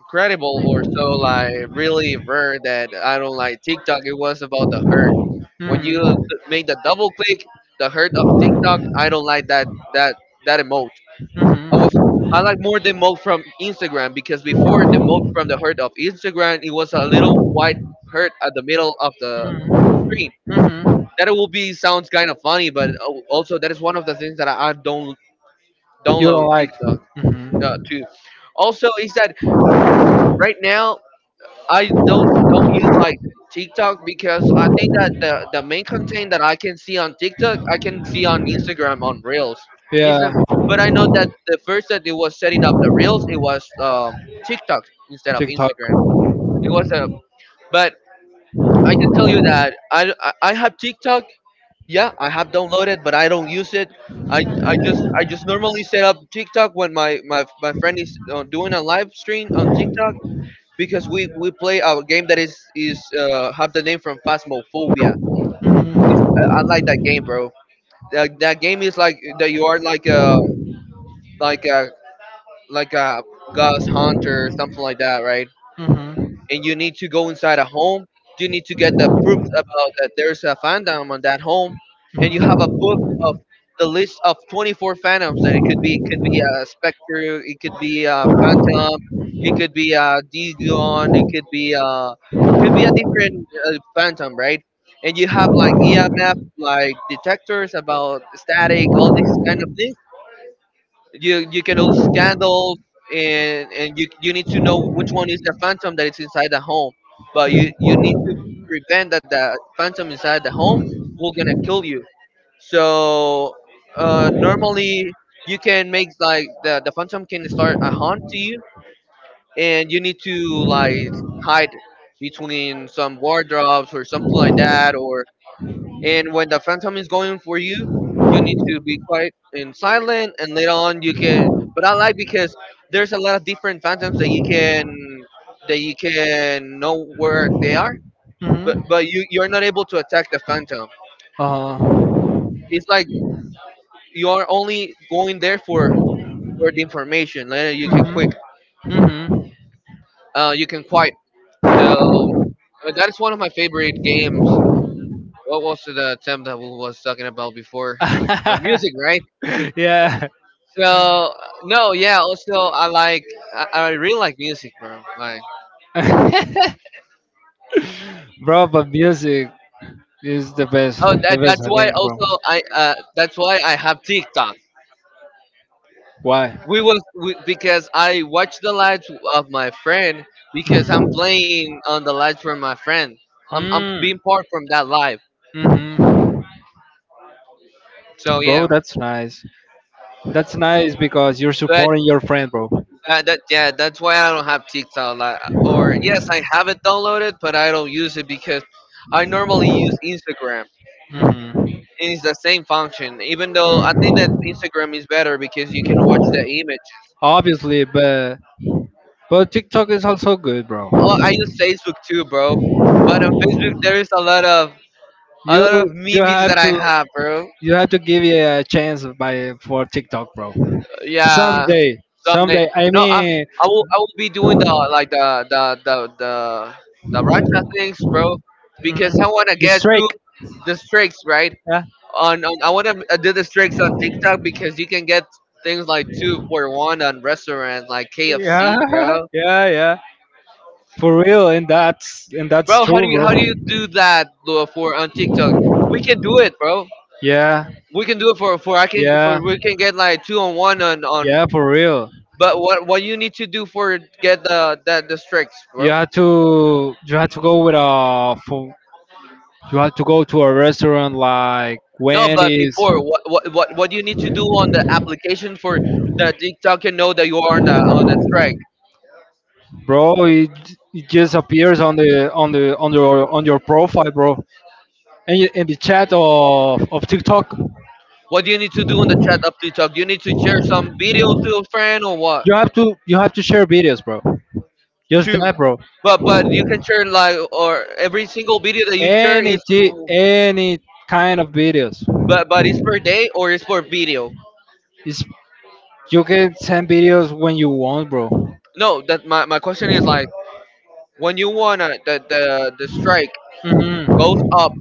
incredible or so, like, really rare that I don't like TikTok. It was about the hurt Mhm. when Mhm. Made the double click, the hurt of TikTok. I don't like that emote. I was, I like more the mug from Instagram because before the mug from the heart of Instagram, it was a little white heart at the middle of the screen. That will be sounds kind of funny, but also that is one of the things that I don't download TikTok too. Also, is that right now I don't use like TikTok because I think that the main content that I can see on TikTok I can see on Instagram on Reels. Yeah, Insta- But I know that the first that it was setting up the Reels it was TikTok instead of TikTok. Instagram. It was a, but I can tell you that I have TikTok. Yeah, I have downloaded, but I don't use it. I just normally set up TikTok when my friend is doing a live stream on TikTok because we play a game that is have the name from Phasmophobia. I like that game, bro. That game is like that you are like like a a ghost hunter, something like that, right? And you need to go inside a home. You need to get the proof about that there's a fandom on that home, and you have a book of the list of 24 fandoms that it could be. It could be a Spectre, it could be a Phantom, it could be a Digon, it could be a, could be a different Phantom, right? And you have like EMF, like detectors about static, all these kind of things. You can hold candles, and you need to know which one is the phantom that is inside the home. But you need to prevent that the phantom inside the home will gonna kill you. So normally you can make like the phantom can start a haunt to you, and you need to like hide between some wardrobes or something like that, or, and when the phantom is going for you, you need to be quiet and silent. And later on, you can. But I like because there's a lot of different phantoms that you can, that you can know where they are. But you you're not able to attack the phantom. Uh-huh. It's like you are only going there for the information. Later you can quick. You can quiet. So, but that is one of my favorite games. What was the attempt that we was talking about before? Music, right? yeah. So, no, yeah. Also, I like, I really like music, bro. Like, bro, but music is oh, the best that's I why think, bro. also I that's why I have TikTok. Why? Because I watch the lives of my friend because I'm playing on the lives from my friend. I'm Mhm. being part from that live. Mm. So hmm Bro, yeah, that's nice. That's nice because you're but supporting your friend, bro. That yeah, that's why I don't have TikTok. Like, or yes, I have it downloaded, but I don't use it because I normally use Instagram. Mhm. It is the same function, even though I think that Mhm. Instagram is better because you can watch the image. Obviously, but TikTok is also good, bro. Oh, I use Facebook too, bro. But on Facebook, there is a You lot of you memes have that I to have, bro. you have to give it a chance by for TikTok, bro. Yeah, Someday, someday. someday. I No, I mean, I will I will be doing the like the Russia things, bro, Mhm. because I wanna The get streak. to the streaks, right? Yeah, On I wanna do the streaks on TikTok because you can get things like two for one on restaurants like KFC, yeah, bro. yeah, yeah. For real, and that's Bro. True, bro. How do you do that though, for on TikTok? We can do it, bro. Yeah, We can do it for I can for yeah, we can get like two on one on on. yeah. For real, But what you need to do for get the strikes, you bro? had to you had to go with a fo- you had to go to a restaurant like No, but Wendy's, before what do you need to do on the application for the TikTok can know that you are on on a strike? bro. It just appears on the on your profile, bro, and in the chat of TikTok. What do you need to do on the chat of TikTok? You need to share some video to a friend or what? You have to share videos, bro. Just Two. that, bro. But you can share like, or every single video that you share Any is, t- any kind of videos. but it's per day or it's for video? It's, you can send videos when you want, bro. No, that my question is like, when you wanna that the strike Hmm. goes up,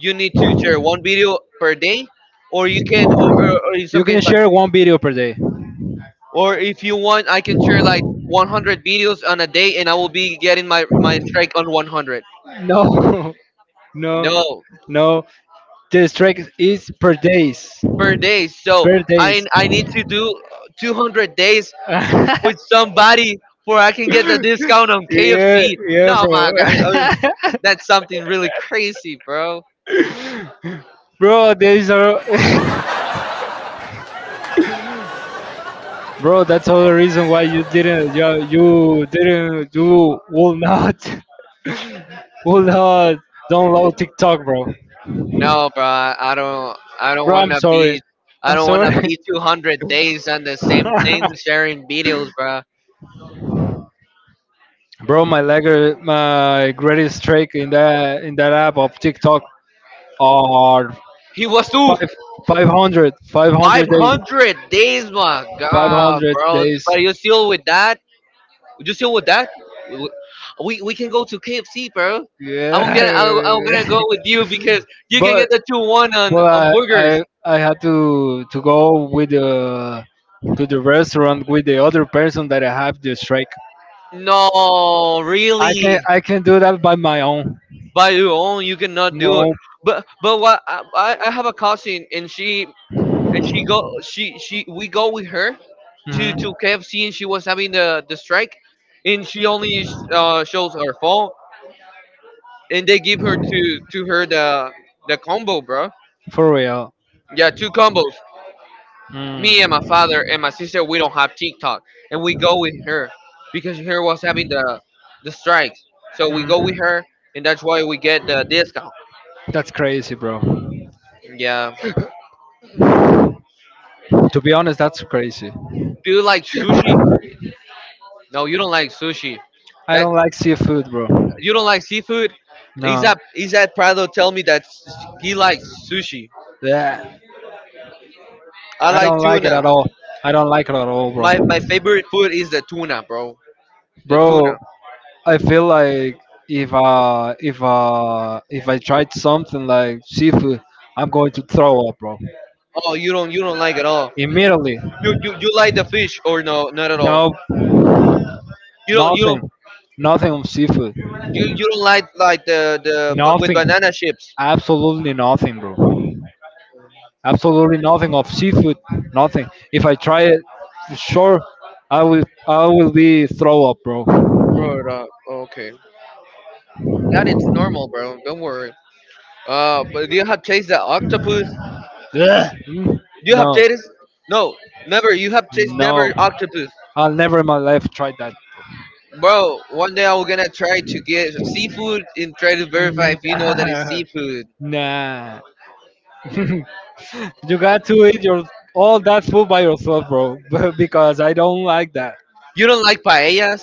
you need to share one video per day, or you can or, in some You case can like, share one video per day. or if you want, I can share like 100 videos on a day, and I will be getting my my strike on 100. No, no, No, no. The strike is per day. So per days. I need to do 200 days with somebody for I can get the discount on Yeah, KFC. yeah, No, bro. my God. That's something really crazy, bro. Bro, there is a bro, that's all the reason why you didn't. Yeah, you didn't. You will not will not download TikTok, bro No, bro, I don't. I don't bro want I'm to sorry. be. I I'm don't want to sorry. be 200 days on the same thing, sharing videos, bro. Bro, my greatest trick in that app of TikTok are He was too five, 500 days 500 days, my god, 500 bro. days But you still with that? You still with that? We we can go to KFC, bro. Yeah. I'm gonna go with you because you can get but the 2-1 but on burgers. I had to go with the to the restaurant with the other person that I have the strike. No, I can really. I can do that by my own. By your own you cannot do it. No. But what I have a cousin, and she go she we go with her to Hmm. to KFC, and she was having the strike. And she only shows her phone, and they give her to her the combo, bro. For real. Yeah, two combos. Me and Mm. my father and my sister, we don't have TikTok, and we go with her because her was having the strikes, so we Mm. go with her, and that's That's why we get the discount. crazy, bro. Yeah. To be honest, that's crazy. Do you like sushi? No, you don't like sushi. I That, don't like seafood, bro. you don't like seafood. He's No. at he's at Prado. Tell me that he likes sushi. Yeah. I I like don't like tuna. it at all. I don't like it at all, bro. My favorite food is the tuna, bro. The Bro, tuna. I feel like if I tried something like seafood, I'm going to throw up, bro. Oh, you don't like at all. Immediately. You like the fish, or no? Not at all. No, You don't you nothing. don't Nothing of seafood. you don't like the but with Nothing. banana chips, Absolutely nothing, bro. Absolutely nothing of seafood. Nothing. If I try it, sure, I will. I will be throw up, bro. bro. Okay. That it's normal, bro. Don't worry. But do you have taste the octopus? Mm, Do you have no, taste? No, never. You have taste no. never octopus. I'll never in my life try that. Bro, one day I'm gonna try to get seafood and try to verify if you know that it's seafood. Nah, nah. You got to eat your all that food by yourself, bro. Because I don't like that. You don't like paellas?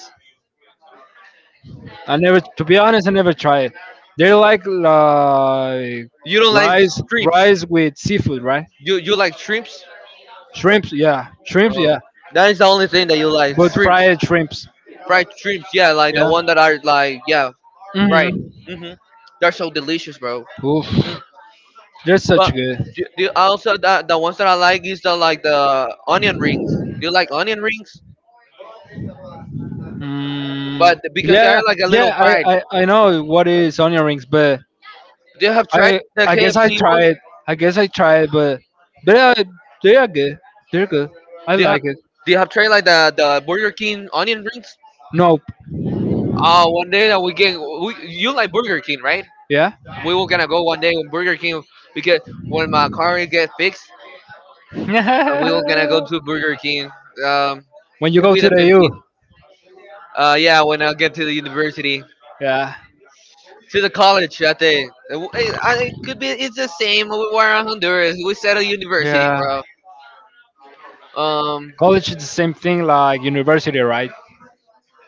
I never, to be honest, I never tried it. They're like You don't like shrimps? rice with seafood, right? You like shrimps? Shrimps, Oh, yeah, that is the only thing that you like. but Shrimps, fried shrimps, fried shrimps. Yeah, like the yeah. one that are like, yeah, fried. Mm-hmm. Mhm. They're so delicious, bro. Oof, Mm. they're But such good. do you also the ones that I like is the onion rings. Do you like onion rings? Mm, But because yeah, they're yeah, like a little yeah. fried. I know what is onion rings, but Do you have tried I, the I guess I KFC ones? tried. I guess I tried, but they are, they are good. They're good. I Do you have like it. do you have tried like the Burger King onion rings? Nope. One day that you like Burger King, right? Yeah. We were gonna go one day when Burger King, because when my car get fixed, we were gonna go to Burger King. Um, When you could go be to the the U. 15th. Yeah, when I get to the university, Yeah. to the college that day. W- It, I, it could be it's the same. We were in Honduras. We said a university, Yeah. bro. Um, College is the same thing like university, right?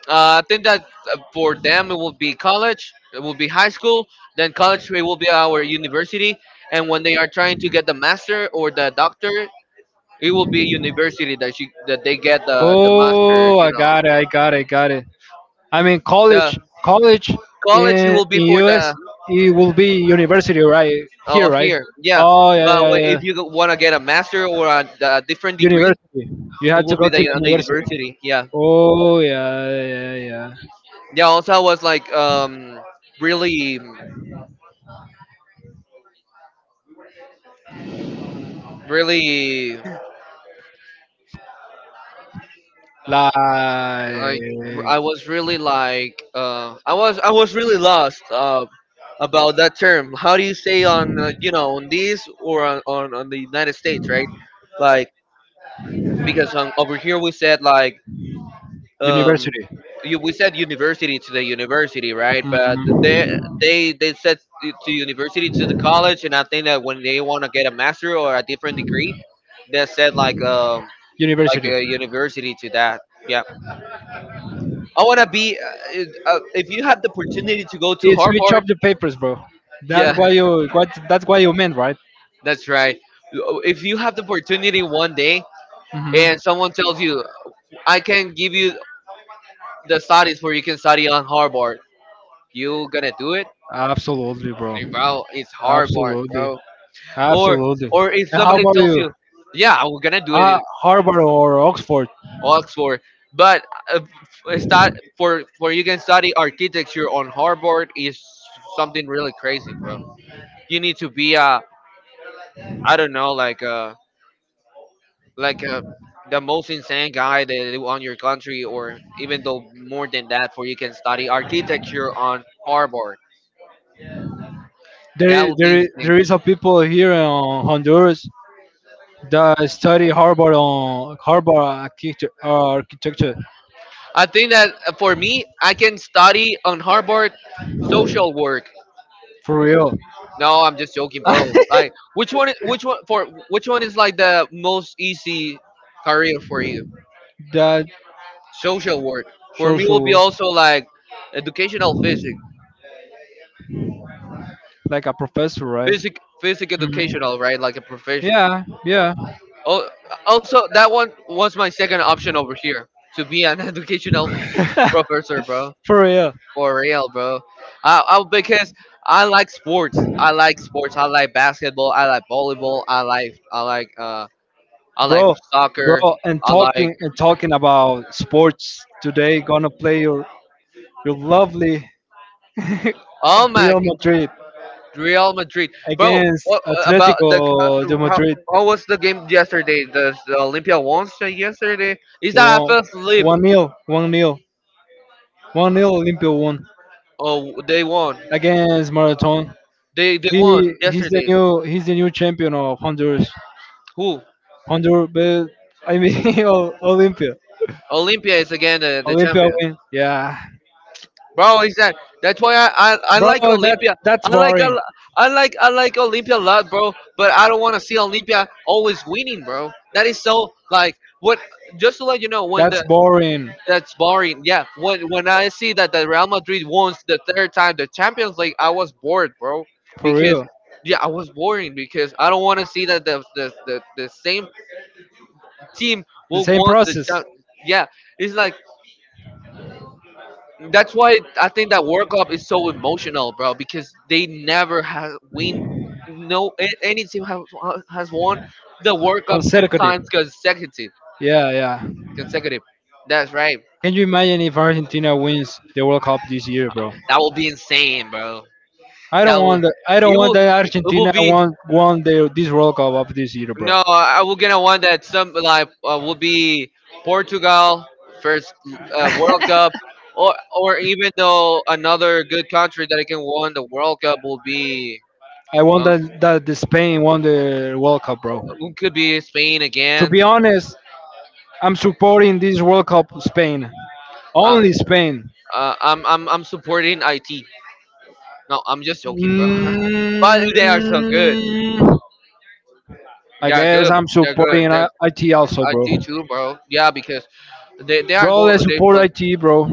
I think that for them it will be college, it will be high school, then college it will be our university, and when they are trying to get the master or the doctor, it will be university that she that they get the master, Oh, you I know, got it. I got it. I got it. I mean, the college college it will be in for US, the. it will be university, right? Here, Oh, right? here, yeah, Oh, yeah, but yeah, yeah. if you want to get a master or a different degree, University. You it had to will go be to the university. university. Yeah, Oh, yeah, yeah, yeah. Yeah. yeah. Also, I was like really, really Like like I was really like I was really lost, about that term. How do you say on on this, or on, on the United States, right? Like, because over here we said like um university. We said university to the university, right? But they Mhm. they they said to university to the college, and I think that when they want to get a master or a different degree, they said like University. a university to that. Yeah. I want to be. If you have the opportunity to go to It switch up Harvard, the papers, bro. Yeah, That's why you meant, right? that's right. If you have the opportunity one day, Hmm. and someone tells you, "I can give you the studies where you can study on Harvard," you gonna do it, Absolutely, bro. hey, bro? It's Harvard, Absolutely. bro. Or Absolutely. or if And how somebody about tells you? you, "Yeah, I'm gonna do it in Harvard or Oxford? Oxford," but uh, f- start for you can study architecture on Harvard is something really crazy, bro. You need to be a, I don't know, like like uh, the most insane guy that on your country, or even though more than that for you can study architecture on Harvard. There That is, would there be is, insane. there is a people here in Honduras that study Harvard architecture. Architecture. I think that for me, I can study on Harvard social work. For real. No, I'm just joking, bro. Like, which one is like the most easy career for you? That Social work. For me will be social, also like educational physics. like a professor, right? Physic Mhm. educational, right? Like a profession. Yeah, yeah. Oh, also that one was my second option over here to be an educational professor, bro. For real, For real, bro. I because I like sports. I like sports. I like basketball. I like volleyball. I like bro, soccer. bro. And I like, talking about sports, today gonna play your lovely oh my Real g- Madrid Real Madrid, bro. against What about the Atletico de Madrid. how was the game yesterday? The Olympia won yesterday. Is that I One, fell asleep? one nil, one nil, one nil. Olympia won Oh, they won. against Marathon. They He won yesterday. He's the new champion of Honduras. Who? Honduras, but I mean, Olympia. Olympia is again the Olympia champion. win. Yeah. Bro, is that that's why I Bro, like Olympia. that's I like a boring. lo- I like Olympia a lot, bro. But I don't want to see Olympia always winning, bro. That is so like what. Just to let you know, when That's the boring. that's boring. Yeah, when I see that the Real Madrid wins the third time the Champions League, I was bored, bro. For Because real. yeah, I was boring because I don't want to see that the same team The will same want process. Yeah. It's like That's why I think that World Cup is so emotional, bro, because they never has win. No, any team has won the World Cup two Consecutive. times consecutive. Yeah, yeah. Consecutive. That's right. Can you imagine if Argentina wins the World Cup this year, bro? That will be insane, bro. I don't That will. want that. I don't It want will. that It will Argentina be. won this World Cup of this year, bro. No, I will get a one that some like will be Portugal first World I Cup, or or even though another good country that can win the World Cup will be. want um, that the Spain won the World Cup, bro. Who could be Spain To again? be honest, I'm supporting this World Cup Spain. Uh, Only Spain. I'm supporting IT. No, I'm just joking, bro. but they are so Mm, good. I They are guess good. I'm They're good. supporting They're IT also, IT bro. too, bro. Yeah, because they are Bro, going. let's They support play IT, bro.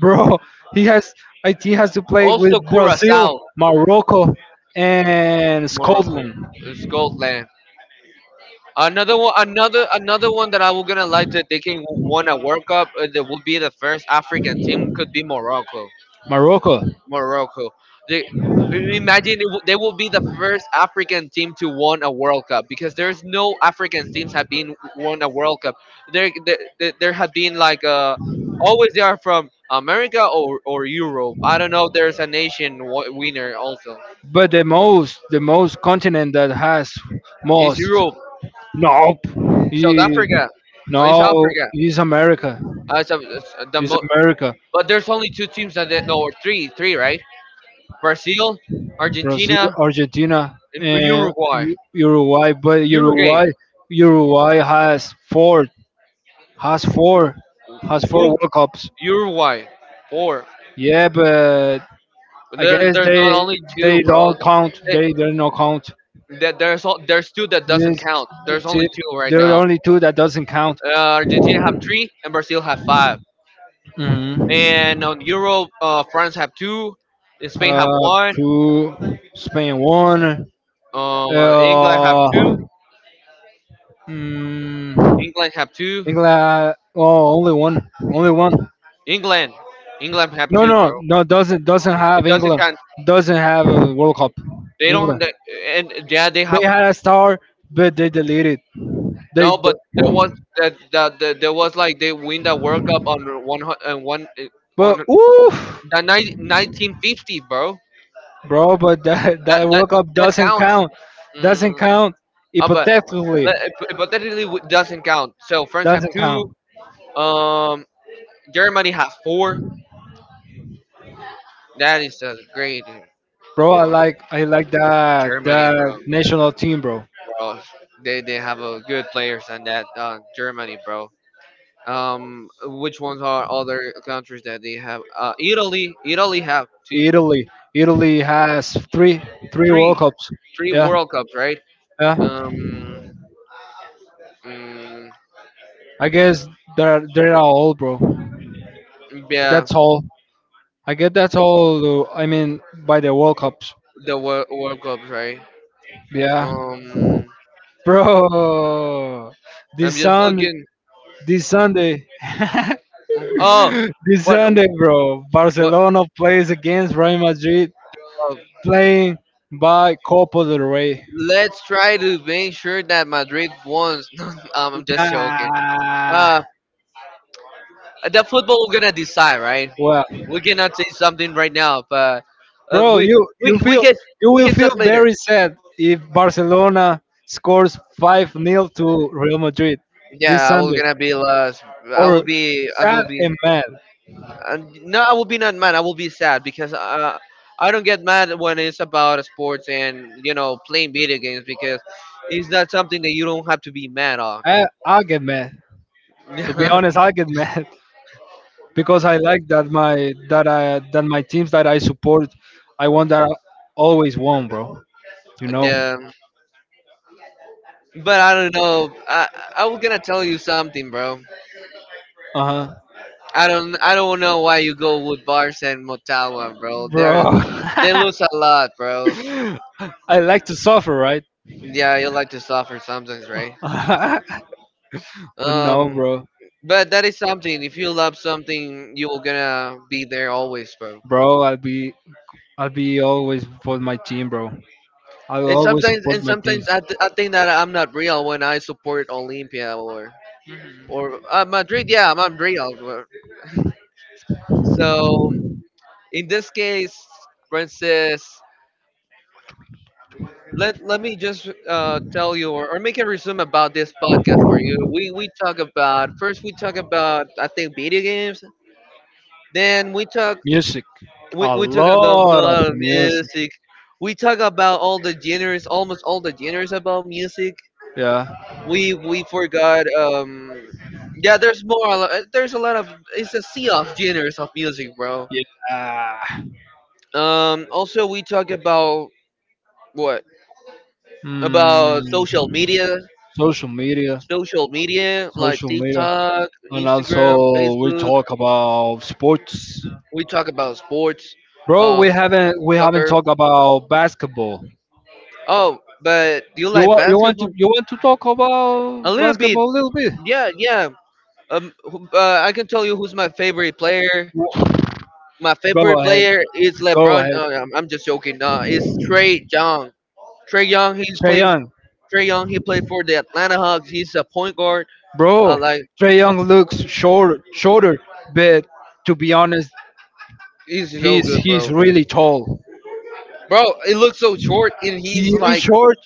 bro. He has he has to play with also Brazil, Curacao, Morocco, and Morocco, Scotland. Scotland. Another one that I was gonna like that they can won a World Cup. That would be the first African team, could be Morocco. Morocco. Morocco. They imagine it, they will be the first African team to won a World Cup, because there's no African teams have been won a World Cup. There have been like always they are from America or Europe. I don't know. There's a nation winner also. But the most continent that has It's most. Europe, Nope. He, South Africa. Oh, it's no, Africa. he's America. So, He's America. but there's only two teams that they, no or three, right? Brazil, Brazil, Argentina, Argentina, and and Uruguay. Uruguay. But Uruguay. Uruguay has four, has four Who? World Cups. Uruguay, four. Yeah, but I guess There's not only two, they bro. don't count. They, They don't count. that there's al- there's two that doesn't There's count. There's only t- two right there are now. only two that doesn't count. Argentina have three, and Brazil have five. Hmm. And on Euro, France have two, and Spain have uh, one. to Spain one. England have Uh, two. mm, England have two. England. Oh, only one. Only one. England, England have No, two, no, bro. no. Doesn't It have doesn't England. count. Doesn't have a World Cup. They don't. England. And yeah, they have They had a star, but they deleted. They. no. But d- there was there was like they win the World Cup on one hu- But one oof, The ni- 1950, bro. bro. But That that that World Cup that doesn't counts. count. Doesn't Mm, count. But Hypothetically, le- hypothetically, doesn't count. So France have doesn't two. count, Um, Germany have four. That is a great bro. Con- I like Germany, bro. that national team, bro. Bro, they have a good players on that Germany, bro. Which ones are other countries that they have? Italy. Italy have two, Italy. Italy has three World three, Cups. Yeah, World Cups, right? yeah. Um, mm, I guess they're all, bro. yeah, That's all. I guess that's all, though. I mean, by the World Cups. World Cup, right? Yeah, Um, bro. This I'm just Sunday, looking. this Sunday, Oh, this what Sunday, bro. what? Barcelona plays against Real Madrid, Uh, playing by Copa del Rey. let's try to make sure that Madrid wins. I'm just joking. Nah. Uh, the football, we're gonna decide, right? Well. We cannot say something right now, but uh, Bro, we we we can you we will can talk feel later. very sad if Barcelona scores 5 nil to Real Madrid this Yeah, I will Sunday. gonna be last. I will Or be. I will sad be. and mad. And no, I will be not mad. I will be sad because I don't get mad when it's about sports and playing video games, because it's not something that you don't have to be mad on. I'll get mad. To be the, honest, I'll get mad because I like that my teams that I support, I want that always won, bro. You know? but I don't know. I was gonna tell you something, bro. Uh-huh. I don't know why you go with Bars and Motagua, bro. Bro. They lose a lot, bro. I like to suffer, right? Yeah, you like to suffer sometimes, right? But no, Um, bro. but that is something. If you love something, you will gonna be there always, bro. Bro, I'll be always for my team, bro. I And always sometimes, support my team. I think that I'm not real when I support Olympia, or Madrid. Yeah, I'm real, So in this case, Francis, let me just tell you, or, make a resume about this podcast for you. We talk about, first we talk about, I think, video games. Then Music, a we talk about lot of more music. music. We talk about all the genres, almost all the genres about music, Yeah. We forgot, yeah, there's more, there's a lot of, it's a sea of genres of music, bro. Yeah. Also we talk about, what about social Mm, media, social media, social media like social media, TikTok, and Instagram, also we Facebook. talk about sports. We talk about sports, Bro, uh we haven't soccer. talked about basketball. Oh, but do you like basketball? You want to talk A about little bit. basketball a little bit? Yeah, yeah. I can tell you who's my favorite player. My favorite Go ahead, player is go LeBron. ahead. I'm just joking. It's Trey Young. Trey Young. He Trey plays. Young, Trey Young. He played for the Atlanta Hawks. He's a point guard. Uh, bro. like Trey Young looks short, shorter, but to be honest, he's so good, he's bro. really tall. Bro, it looks so short, and He he's is like short.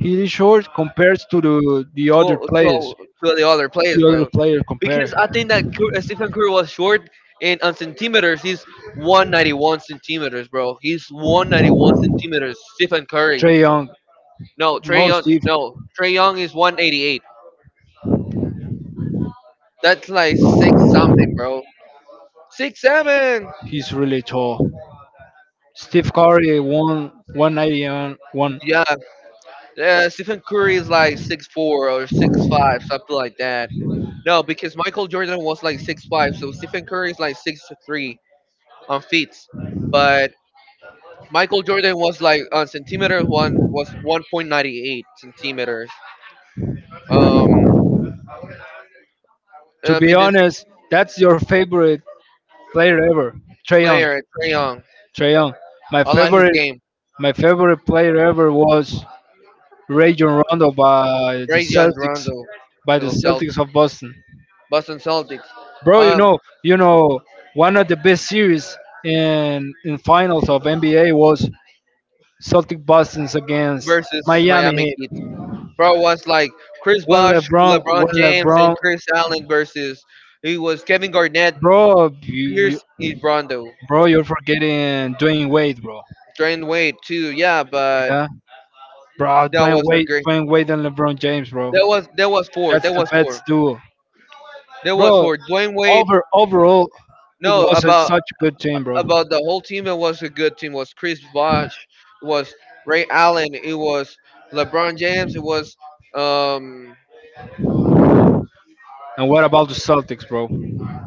He is short compared to the other players. To the other players, To other bro. player compare. Because I think that Stephen Curry was short, and on centimeters, he's 191 centimeters, bro. He's 191 centimeters. Stephen Curry. Trey Young. No, Trey No, Young. Steve. No, Trey Young is 188. That's like six something, bro. 6'7". He's really tall. Steve Curry won 190 and one. Yeah, yeah. Stephen Curry is like 6'4" or 6'5", something like that. No, because Michael Jordan was like 6'5", so Stephen Curry is like 6'3" on feet, but Michael Jordan was like on centimeters one was 1.98 centimeters. Um, To I be mean, this honest, that's your favorite player ever, Trey Young. player Trae Young, Trey Young. My I like his favorite, game. my favorite player ever was Rajon Rondo Trae Young Rondo, by to the the Celtics, Celtics of Boston. Boston Celtics, Bro, um, you know, one of the best series in finals of NBA was Celtic Boston's against versus Miami Miami Heat. Heat. Bro, it was like Chris Bosh, LeBron When James, and LeBron, Chris Allen, versus it was Kevin Garnett, bro, you. Pierce, and Rondo. Bro, you're forgetting Dwayne Wade, bro. Drain Wade too, yeah, but Yeah, bro, that was a great. Dwayne Wade and LeBron James, bro. That was four. That's That the was best four. duo, That was bro. four. Dwayne Wade. Overall, it No, was such a good team, bro. about the whole team. It was a good team. It was Chris Bosh. It was Ray Allen. It was LeBron James. It was um And what about the Celtics, bro?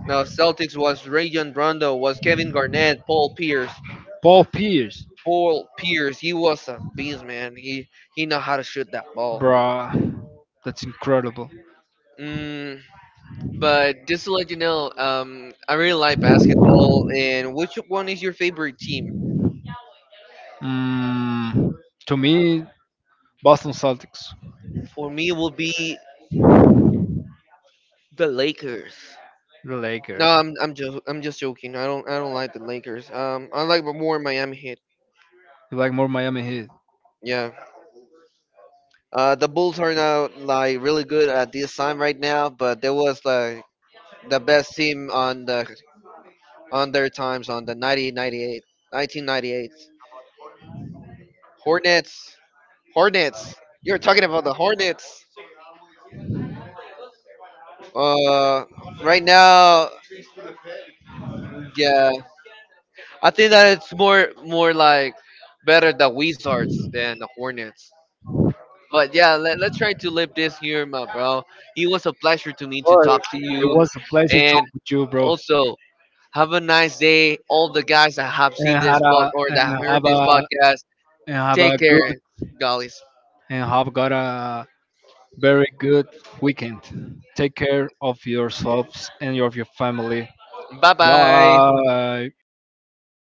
Celtics. Was Rajon Rondo. Was Kevin Garnett. Paul Pierce. Paul Pierce, Paul Pierce, he was a beast, man. He know how to shoot that ball. bro. That's incredible. Mm, but just to let you know, I really like basketball. And which one is your favorite team? Mm, to me, Boston Celtics, For me, it will be the Lakers. the No, Lakers, I'm just joking. I don't like the Lakers. I like more Miami Heat. like more Miami Heat. Yeah. The Bulls are now like really good at this time right now, but they was like the best team on the on their times on the 90, 98, 1998. Hornets. Hornets. You're talking about the Hornets. Uh, right now, yeah, I think that it's more like better the Wizards than the Hornets. But yeah, let's try to live this here, my bro. It was a pleasure to me to Well, talk to it you, was a pleasure talking and with you, bro. also have a nice day. All the guys that have And seen had this pod a or and that heard have this a podcast, and have a take good care, guys. and have got a very good weekend. Take care of yourselves and of your family. Bye bye. Bye.